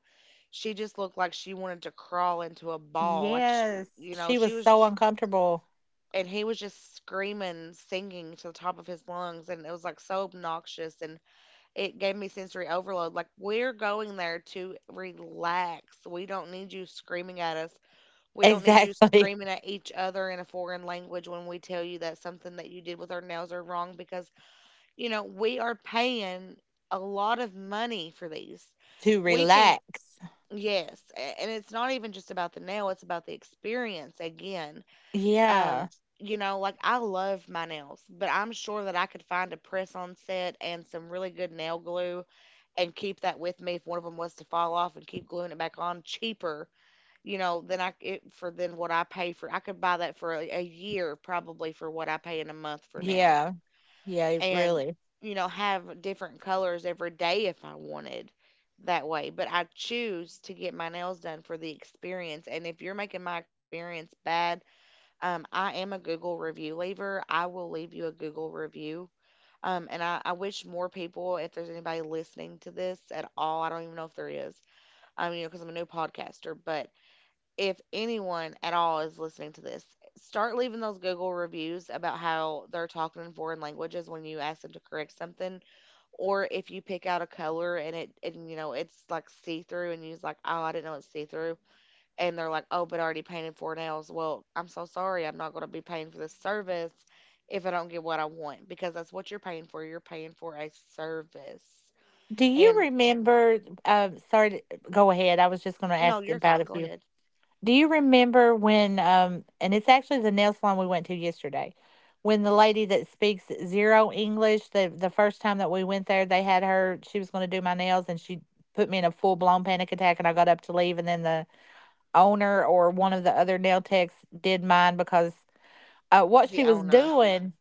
She just looked like she wanted to crawl into a ball. Like, she, Yes. you know, She she was was, so uncomfortable. and he was just screaming, singing to the top of his lungs. And it was like so obnoxious, and it gave me sensory overload. Like, we're going there to relax. We don't need you screaming at us. We don't need you Exactly. screaming at each other in a foreign language when we tell you that something that you did with our nails are wrong, because, we are paying a lot of money for these. To We can. relax. Yes. And it's not even just about the nail, it's about the experience again. Yeah. Um, like, I love my nails, but I'm sure that I could find a press on set and some really good nail glue, and keep that with me if one of them was to fall off, and keep gluing it back on cheaper. Then I it for then what I pay for I could buy that for a year probably for what I pay in a month for nails. Yeah. Yeah. It And really. you know, have different colors every day if I wanted that way, but I choose to get my nails done for the experience. And if you're making my experience bad, I am a Google review leaver. I will leave you a Google review. And I wish more people, if there's anybody listening to this at all, I don't even know if there is, because I'm a new podcaster, but if anyone at all is listening to this, start leaving those Google reviews about how they're talking in foreign languages when you ask them to correct something, or if you pick out a color and it's like see through and you're like, "Oh, I didn't know it's see through," and they're like, "Oh, but I already painted 4 nails." Well, I'm so sorry, I'm not going to be paying for this service if I don't get what I want, because that's what you're paying for. You're paying for a service, Do you and remember? Sorry. Go ahead. I was just going to no, ask you're about fine. if Go you. ahead. Do you remember when, and it's actually the nail salon we went to yesterday, when the lady that speaks zero English, the first time that we went there, they had her, she was going to do my nails and she put me in a full blown panic attack and I got up to leave and then the owner or one of the other nail techs did mine because, what she The was owner. doing,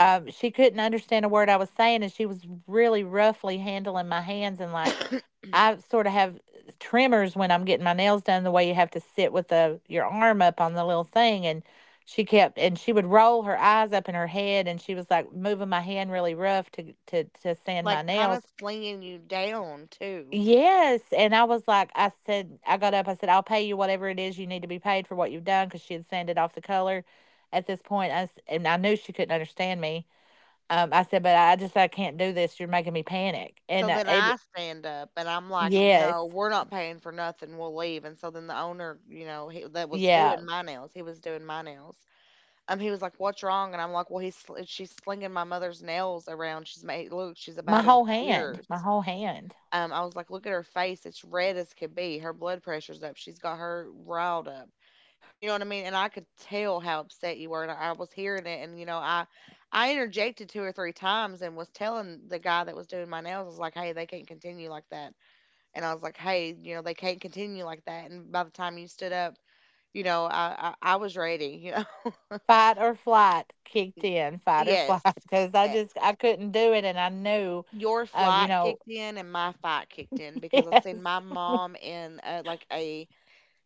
she couldn't understand a word I was saying and she was really roughly handling my hands, and like, I sort of have tremors when I'm getting my nails done, the way you have to sit with the your arm up on the little thing. And she kept, and she would roll her eyes up in her head and she was like moving my hand really rough to sand my Like, kind of nails. slinging you down, too. Yes. And I was like, I said, I got up, I said, I'll pay you whatever it is you need to be paid for what you've done, because she had sanded off the color at this point. And I knew she couldn't understand me. I said, but I just, I can't do this. You're making me panic. So then I stand up, and I'm like, Yes. "No, we're not paying for nothing. We'll leave." And so then the owner, he, that was Yeah. doing my nails, he was doing my nails. He was like, "What's wrong?" And I'm like, "Well, she's slinging my mother's nails around. She's made look, she's My about in whole hand, tears." my whole hand. I was like, "Look at her face. It's red as could be. Her blood pressure's up. She's got her riled up." You know what I mean? And I could tell how upset you were, and I was hearing it. And I interjected two or three times and was telling the guy that was doing my nails. I was like, "Hey, they can't continue like that." And I was like, "Hey, you know, they can't continue like that." And by the time you stood up, I was ready. You know, Fight or flight kicked in, fight or flight, yes. because I Eh, just I couldn't do it, and I knew, your you flight know, kicked in and my fight kicked in because I yes. seen my mom in like a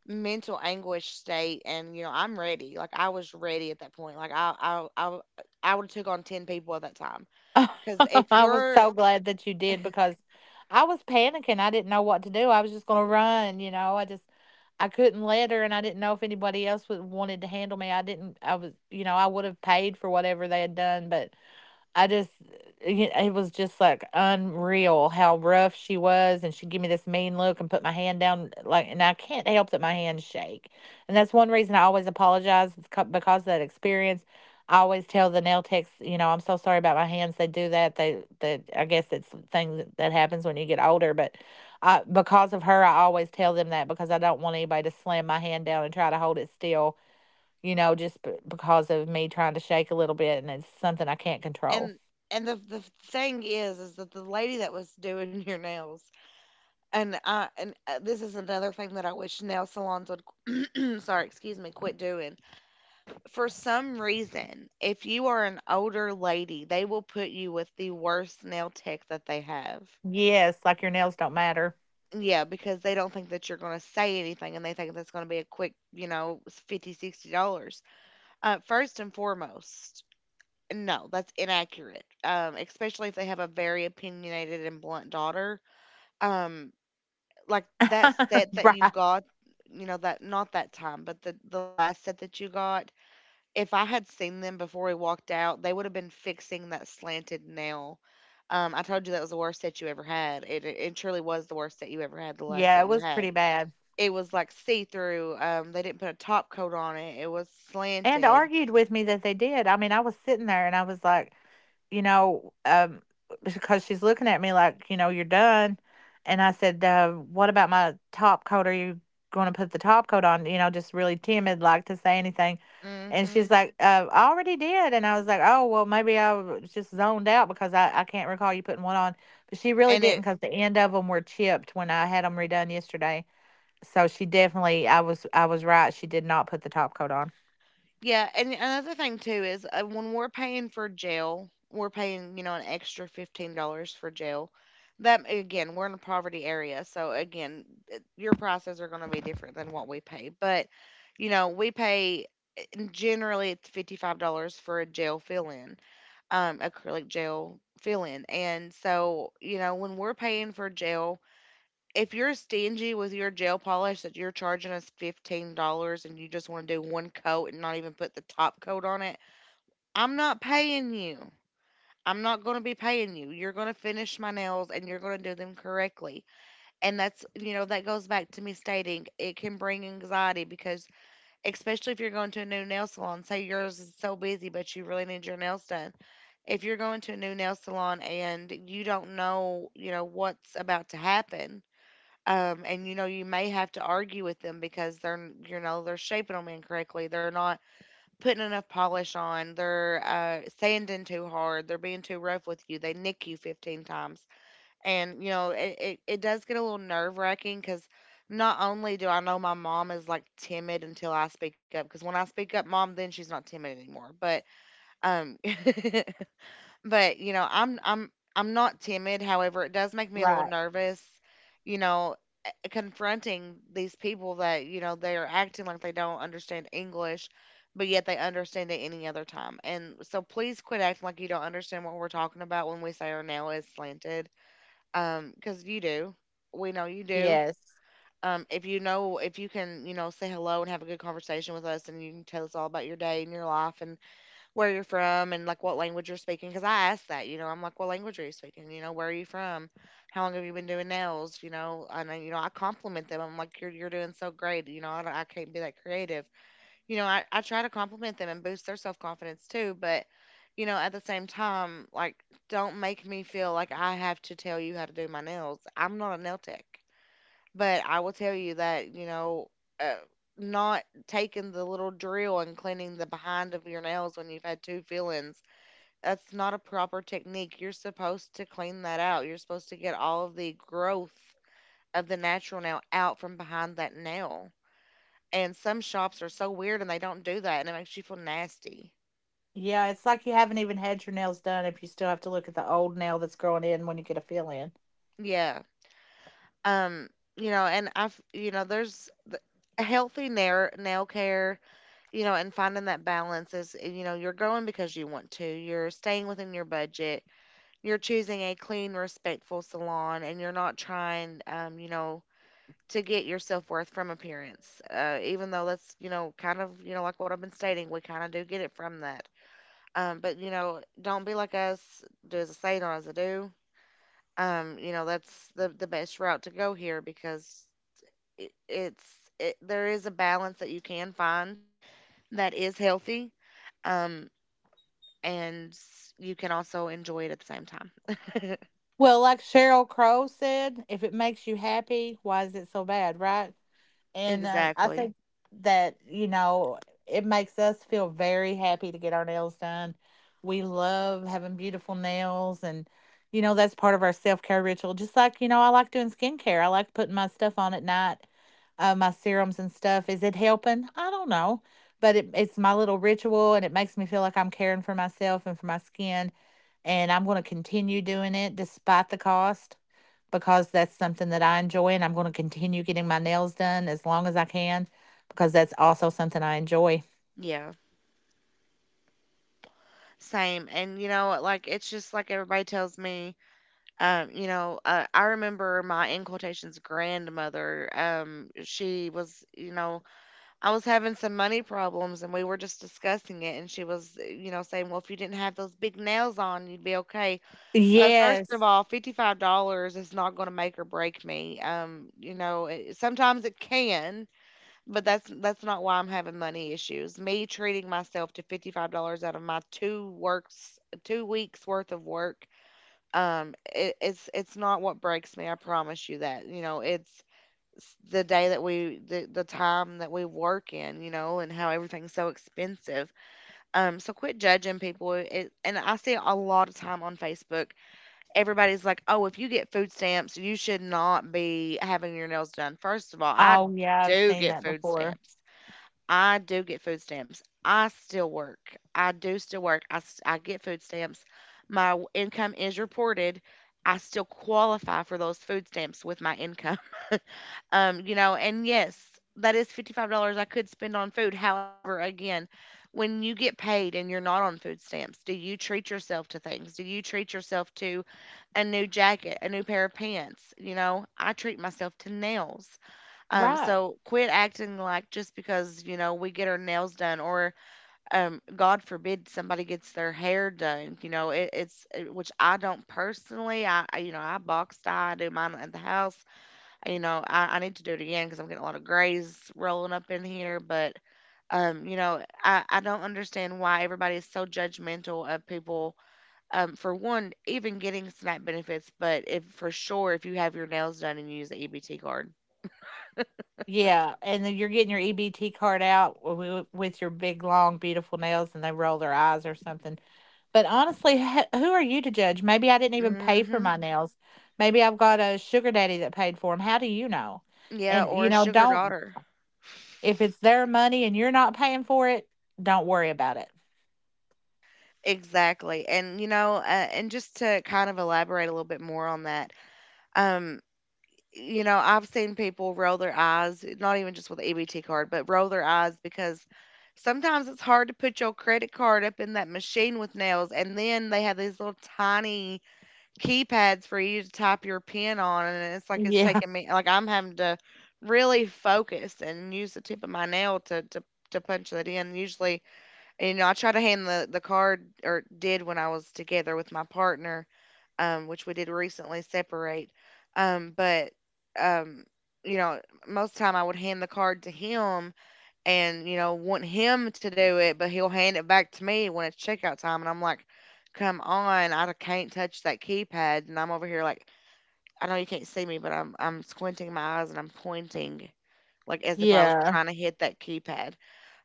mental anguish state. And you know, I'm ready. Like I was ready at that point. Like I would have took on 10 people at that time, because if I was you're so glad that you did, because I was panicking. I didn't know what to do. I was just gonna run, you know. I just I couldn't let her, and I didn't know if anybody else would wanted to handle me. I didn't. I was, you know, I would have paid for whatever they had done, but I just, it was just, like, unreal how rough she was, and she'd give me this mean look and put my hand down, like, and I can't help that my hands shake, and that's one reason I always apologize, is co because of that experience. I always tell the nail techs, you know, "I'm so sorry about my hands." They do that, they that I guess it's things that happens when you get older, but, because of her, I always tell them that because I don't want anybody to slam my hand down and try to hold it still, you know, just b because of me trying to shake a little bit, and it's something I can't control. and and the thing is that the lady that was doing your nails and I and this is another thing that I wish nail salons would sorry excuse me quit doing. For some reason, if you are an older lady, they will put you with the worst nail tech that they have. Yes, like your nails don't matter. Yeah, because they don't think that you're going to say anything, and they think that's going to be a quick, you know, 50, $60. First and foremost, no, that's inaccurate. Especially if they have a very opinionated and blunt daughter. Um, like that set that you Right. got, you know, that not that time, but the last set that you got, if I had seen them before we walked out, they would have been fixing that slanted nail. I told you that was the worst set you ever had. It truly was the worst set you ever had, the last Yeah, set it you was pretty had. bad. It was like see-through. Um, they didn't put a top coat on it, it was And slanted. argued with me that they did. I mean, I was sitting there and I was like, you know, um, because she's looking at me like, you know, you're done. And I said, what about my top coat? Are you going to put the top coat on? You know, just really timid, like to say anything. And Mhm. she's like, I already did. And I was like, oh, well, maybe I was just zoned out because I can't recall you putting one on. But she really And didn't it because the end of them were chipped when I had them redone yesterday. So she definitely, I was right. She did not put the top coat on. yeah, and another thing too is, when we're paying for jail, we're paying, you know, an extra $15 for jail. That again, we're in a poverty area, so again, your prices are gonna be different than what we pay, but, you know, we pay generally it's $55 for a jail fill-in, acrylic gel fill-in. And so, you know, when we're paying for jail, if you're stingy with your gel polish that you're charging us $15, and you just want to do one coat and not even put the top coat on it, I'm not paying you. I'm not going to be paying you. You're going to finish my nails and you're going to do them correctly. And that's, you know, that goes back to me stating it can bring anxiety because, especially if you're going to a new nail salon, say yours is so busy, but you really need your nails done. If you're going to a new nail salon and you don't know, you know, what's about to happen, and you know you may have to argue with them because you know they're shaping them incorrectly, they're not putting enough polish on, they're sanding too hard, they're being too rough with you, they nick you 15 times, and you know it does get a little nerve wracking because not only do I know my mom is like timid until I speak up, because when I speak up mom then she's not timid anymore, but um but, you know, I'm I'm not timid, however, it does make me a little Right. nervous, you know. Confronting these people that, you know, they are acting like they don't understand English, but yet they understand it any other time. And so please quit acting like you don't understand what we're talking about when we say our nail is slanted. Because you do. We know you do. Yes. If you know, if you can, you know, say hello and have a good conversation with us and you can tell us all about your day and your life and where you're from, and like what language you're speaking, because I asked that. You know, I'm like, what language are you speaking, you know, where are you from, how long have you been doing nails. You know, and then, you know, I compliment them. I'm like you're doing so great. You know I can't be that creative. You know I try to compliment them and boost their self-confidence too, but you know at the same time, like, don't make me feel like I have to tell you how to do my nails. I'm not a nail tech, but I will tell you that, you know, uh, not taking the little drill and cleaning the behind of your nails when you've had two fillings, that's not a proper technique. You're supposed to clean that out. You're supposed to get all of the growth of the natural nail out from behind that nail. And some shops are so weird and they don't do that and it makes you feel nasty. Yeah, it's like you haven't even had your nails done if you still have to look at the old nail that's growing in when you get a fill in. Yeah. Um, you know, and I've, you know, there's the healthy nail, nail care, you know, and finding that balance is, you know, you're going because you want to, you're staying within your budget, you're choosing a clean, respectful salon, and you're not trying, you know, to get your self worth from appearance. Even though that's, you know, kind of, you know, like what I've been stating, we kind of do get it from that. But, you know, don't be like us, do as I say, not as I do. You know, that's the best route to go here because it's it, there is a balance that you can find that is healthy, um, and you can also enjoy it at the same time. Well, like Cheryl Crow said, "If it makes you happy, why is it so bad, right?" And I Exactly. think that, you know, it makes us feel very happy to get our nails done. We love having beautiful nails. And, you know, that's part of our self care ritual. Just like, you know, I like doing skincare, I like putting my stuff on at night, my serums and stuff. Is it helping? I don't know. But it's my little ritual and it makes me feel like I'm caring for myself and for my skin. And I'm going to continue doing it despite the cost because that's something that I enjoy, and I'm going to continue getting my nails done as long as I can because that's also something I enjoy. Yeah, same. And you know, like, it's just like everybody tells me, um, you know, I remember my in quotations grandmother. Um, she was, you know, I was having some money problems and we were just discussing it, and she was, you know, saying well if you didn't have those big nails on you'd be okay. First of Yes. all, $55 is not going to make or break me. You know, sometimes it can, but that's not why I'm having money issues. Me treating myself to $55 out of my two works, 2 weeks worth of work, it's not what breaks me. I promise you that. You know, it's the day that we the time that we work in, you know, and how everything's so expensive. Um, so quit judging people and I see a lot of time on Facebook, everybody's like, "Oh, if you get food stamps, you should not be having your nails done." First of all, I Oh, yeah, I've do seen get that food before. stamps. I do get food stamps. I still work. I do still work. I get food stamps. Income is reported. I still qualify for those food stamps with my income. You know, and yes, that is $55 I could spend on food. However, again, when you get paid and you're not on food stamps, do you treat yourself to things? Do you treat yourself to a new jacket, a new pair of pants, you know? I treat myself to nails. Right. So quit acting like just because, you know, we get our nails done or God forbid somebody gets their hair done, you know, which I don't personally, you know, I box dye, I do mine at the house. You know, I need to do it again because I'm getting a lot of grays rolling up in here, but you know, I don't understand why everybody is so judgmental of people for one, even getting SNAP benefits, but if for sure if you have your nails done and you use the EBT card. Yeah, and then you're getting your EBT card out with your big, long, beautiful nails, and they roll their eyes or something. But honestly, who are you to judge? Maybe I didn't even pay for Hmm. my nails. Maybe I've got a sugar daddy that paid for them. How do you know? Yeah, And or you a know, sugar don't. daughter. If it's their money and you're not paying for it, don't worry about it. Exactly. And you know, and just to kind of elaborate a little bit more on that, um, you know, I've seen people roll their eyes, not even just with the EBT card, but roll their eyes because sometimes it's hard to put your credit card up in that machine with nails, and then they have these little tiny keypads for you to type your pen on, and it's like it's Yeah. taking me like I'm having to really focus and use the tip of my nail to to punch that in. Usually, I try to hand the card, or did when I was together with my partner, which we did recently separate. Um, but um, you know, most time I would hand the card to him, and want him to do it, but he'll hand it back to me when it's checkout time, and I'm like, "Come on, I can't touch that keypad," and I'm over here like, I know you can't see me, but I'm squinting my eyes and I'm pointing like as if I was Yeah. trying to hit that keypad.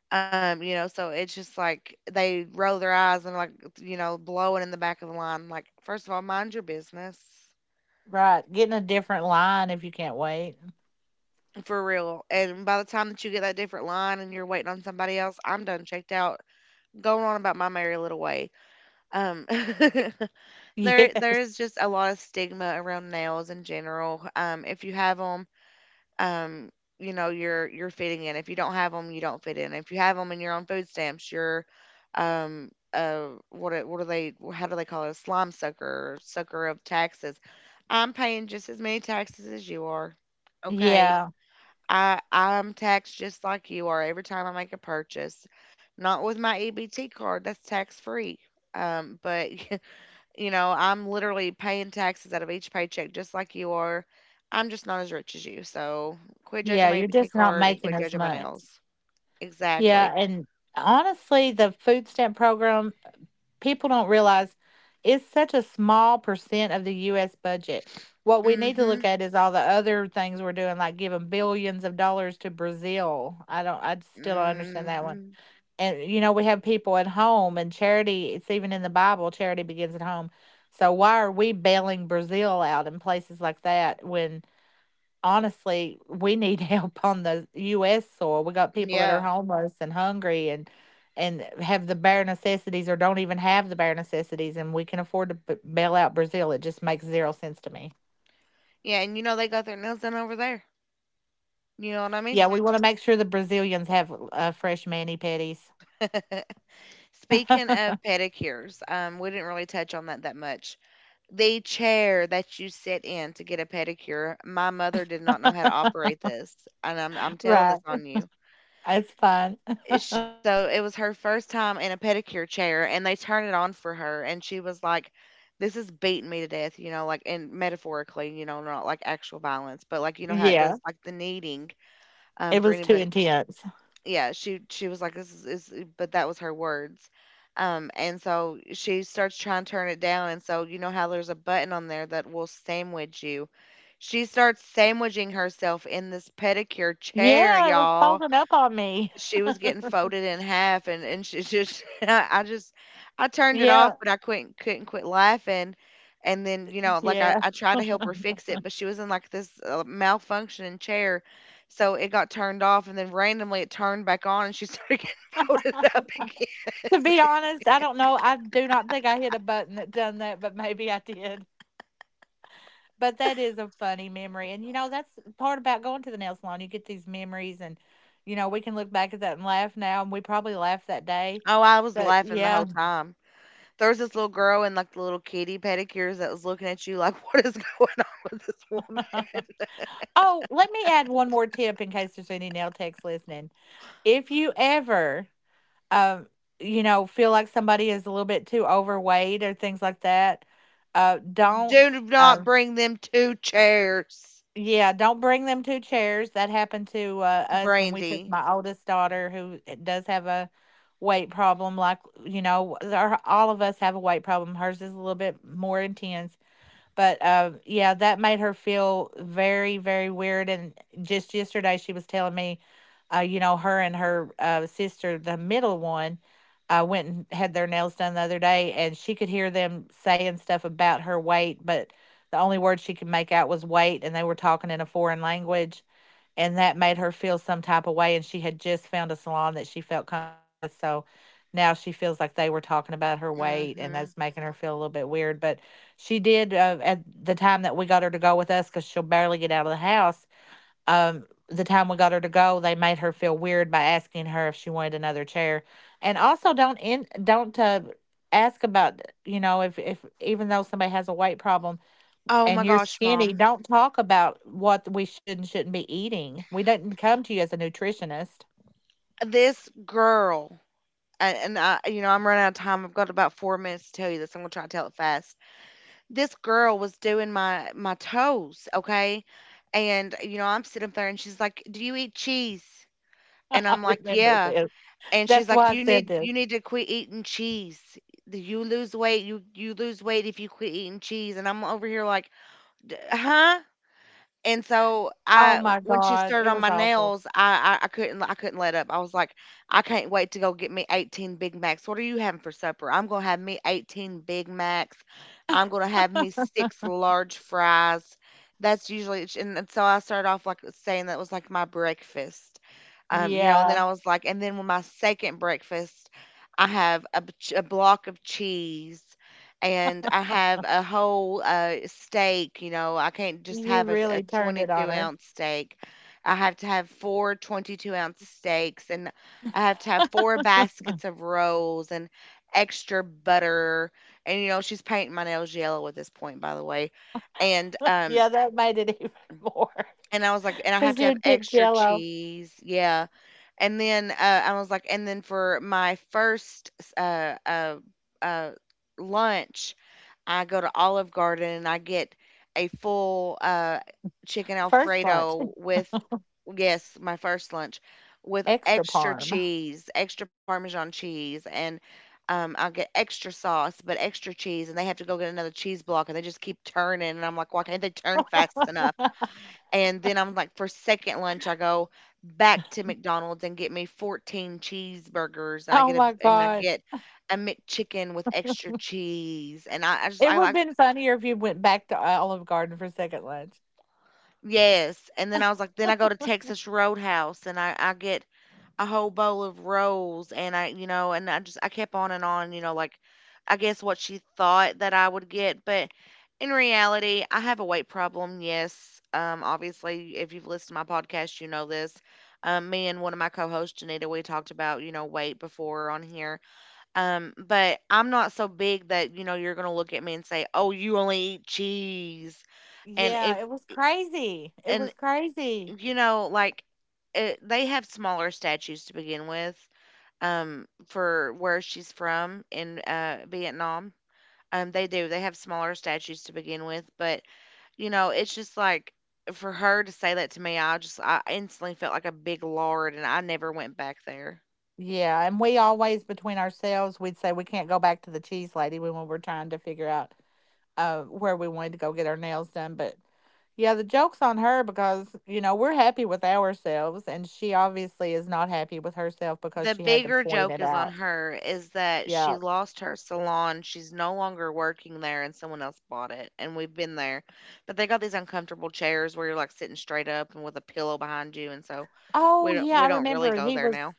So it's just like they roll their eyes and like, blowing in the back of the line. Like, first of all, mind your business. Right. Getting a different line if you can't wait. For real. And by the time that you get that different line and you're waiting on somebody else, I'm done checked out, going on about my merry little way. Um, there Yes. there's just a lot of stigma around nails in general. If you have them, um, you're fitting in. If you don't have them, you don't fit in. If you have them and you're on food stamps, you're what are- what do they how do they call it, a slime sucker, or sucker of taxes. I'm paying just as many taxes as you are. Okay. Yeah. I'm taxed just like you are every time I make a purchase. Not with my EBT card. That's tax free. But I'm literally paying taxes out of each paycheck just like you are. I'm just not as rich as you. So quit judging Yeah. my You're EBT just not card and making quit as judging my much. nails. Yeah. Exactly. And honestly, the food stamp program, people don't realize it's such a small percent of the US budget. What we need to Mm-hmm. look at is all the other things we're doing, like giving billions of dollars to Brazil. I don't, I still don't understand that one. Mm-hmm. And, you know, we have people at home, and charity, it's even in the Bible, charity begins at home. So why are we bailing Brazil out in places like that when honestly, we need help on the US soil. We got people that are Yeah. homeless and hungry and have the bare necessities, or don't even have the bare necessities, and we can afford to bail out Brazil. It just makes zero sense to me. Yeah. And they got their nails done over there. You know what I mean? Yeah, we want to make sure the Brazilians have fresh mani pedis. Speaking of pedicures, we didn't really touch on that that much. The chair that you sit in to get a pedicure, my mother did not know how to operate this, and I'm telling this Right. on you. It's fun. Eh, Sh so it was her first time in a pedicure chair, and they turned it on for her, and she was like, "This is beating me to death," and metaphorically, not like actual violence, but like, you know how it Yeah. does like the kneading, It for was too anybody. intense. Yeah, she was like, "This is," but that was her words. And so she starts trying to turn it down, and so you know how there's a button on there that will sandwich you. She starts sandwiching herself in this pedicure chair, Yeah, it was y'all. folding up on me. She was getting folded in half, and she just I turned it off, Yeah. but I couldn't quit laughing. And then I, Yeah. I tried to help her fix it, but she was in like this malfunctioning chair, so it got turned off, and then randomly it turned back on, and she started getting folded up again. To be honest, I don't know. I do not think I hit a button that done that, but maybe I did. But that is a funny memory. And you know, that's the part about going to the nail salon. You get these memories, and you know, we can look back at that and laugh now, and we probably laughed that day. Oh, I was But laughing the yeah. whole time. There was this little girl in like the little kitty pedicures that was looking at you like, what is going on with this woman. Oh, let me add one more tip in case there's any nail techs listening. If you ever, um, you know, feel like somebody is a little bit too overweight or things like that, don't. Do uh, not bring them two chairs. Yeah, don't bring them two chairs. That happened to, us when we took Brandy. my oldest daughter, who does have a weight problem, like, you know, our all of us have a weight problem. Hers is a little bit more intense, but yeah, that made her feel very, very weird. And just yesterday, she was telling me, you know, her and her sister, the middle one, went and had their nails done the other day, and she could hear them saying stuff about her weight, but the only word she could make out was weight, and they were talking in a foreign language, and that made her feel some type of way, and she had just found a salon that she felt comfortable with, so now she feels like they were talking about her weight, and Hmm. that's making her feel a little bit weird. But she did, at the time that we got her to go with us, because 'cause she'll barely get out of the house, the time we got her to go, they made her feel weird by asking her if she wanted another chair. And also don't, ask about, you know, if even though somebody has a weight problem, Oh my and you're gosh, skinny, Mom. don't talk about what we should and shouldn't be eating. We didn't come to you as a nutritionist. This girl, and I'm running out of time. I've got about 4 minutes to tell you this. I'm gonna try to tell it fast. This girl was doing my toes, okay, and I'm sitting up there, and she's like, "Do you eat cheese?" And I I'm like, remember "Yeah." this. And she's That's like, why I "You said need you this. need to quit eating cheese. You lose weight. You lose weight if you quit eating cheese." And I'm over here like, Huh?" And so Oh I, my when she God. started It on was my awful. nails, I couldn't let up. I was like, I can't wait to go get me 18 Big Macs. What are you having for supper? I'm gonna have me 18 Big Macs. I'm gonna have me six large fries. That's usually, and so I started off like saying that was like my breakfast. And then Yeah. I was like, and then with my second breakfast, I have a block of cheese, and I have a whole steak. You know, I can't just You have a really turned it on 22 her. ounce steak. I have to have four 22-ounce steaks, and I have to have four baskets of rolls and extra butter. And, she's painting my nails yellow at this point, by the way. And, um, Yeah, that made it even more. and I was like, and I have Because to have you'd pick extra jello. cheese. Yeah. And then, I was like, and then for my first uh uh uh, lunch, I go to Olive Garden and I get a full, chicken First lunch, Alfredo with — yes, my first lunch — with extra extra parm. cheese, extra Parmesan cheese, and, I'll get extra sauce, but extra cheese, and they have to go get another cheese block, and they just keep turning, and I'm like, "Why can't they turn fast enough?" And then I'm like, for second lunch, I go back to McDonald's and get me 14 cheeseburgers. And I Oh get my God. A McChicken with extra cheese. And I, I just It I would have like, been funnier if you went back to Olive Garden for second lunch. yes. And then I was like, then I go to Texas Roadhouse and I get a whole bowl of rolls, and I, and I just I kept on and on, I guess what she thought that I would get, but in reality I have a weight problem. Yes. Obviously, if you've listened to my podcast you know this. Me and one of my co-hosts, Janita, we talked about, weight before on here. But I'm not so big that you're going to look at me and say, "Oh, you only eat cheese." and Yeah, if it was crazy. It and was crazy. you know like it, they have smaller statues to begin with, for where she's from in Vietnam. They do. They have smaller statues to begin with, but it's just like for her to say that to me, I instantly felt like a big lord, and I never went back there. Yeah, and we always, between ourselves, we'd say we can't go back to the cheese lady when we were trying to figure out where we wanted to go get our nails done. But yeah, the joke's on her because, you know, we're happy with ourselves and she obviously is not happy with herself because The she had to bigger point joke it is on out. her, is that she Yeah. lost her salon. She's no longer working there, and someone else bought it. And we've been there, but they got these uncomfortable chairs where you're like sitting straight up and with a pillow behind you, and so Oh we don't yeah, we I don't really remember go he there was now.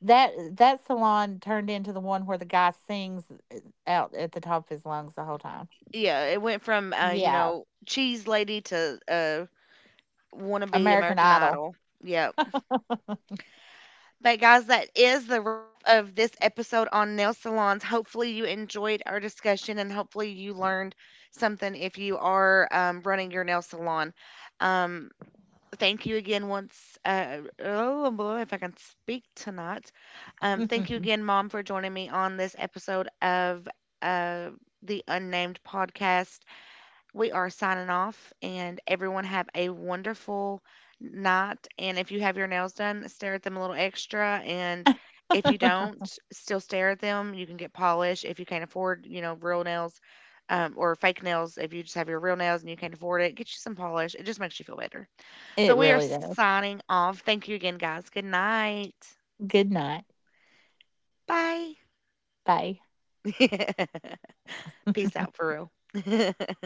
that salon turned into the one where the guy sings uh, out at the top of his lungs the whole time. Yeah, it went from Yeah. Cheese lady to wannabe American American Idol. Idol. Yep. But guys, that is the wrap of this episode on nail salons. Hopefully you enjoyed our discussion, and hopefully you learned something if you are running your nail salon. Um, thank you again, once oh boy, if I can speak tonight. Thank you again, Mom, for joining me on this episode of uh, the Unnamed Podcast. We are signing off, and everyone have a wonderful night. And if you have your nails done, stare at them a little extra. And if you don't, still stare at them. You can get polish if you can't afford, real nails, or fake nails. If you just have your real nails and you can't afford it, get you some polish. It just makes you feel better. But It we are really does. signing off. Thank you again, guys. Good night. Good night. Bye. Bye. Peace out for real.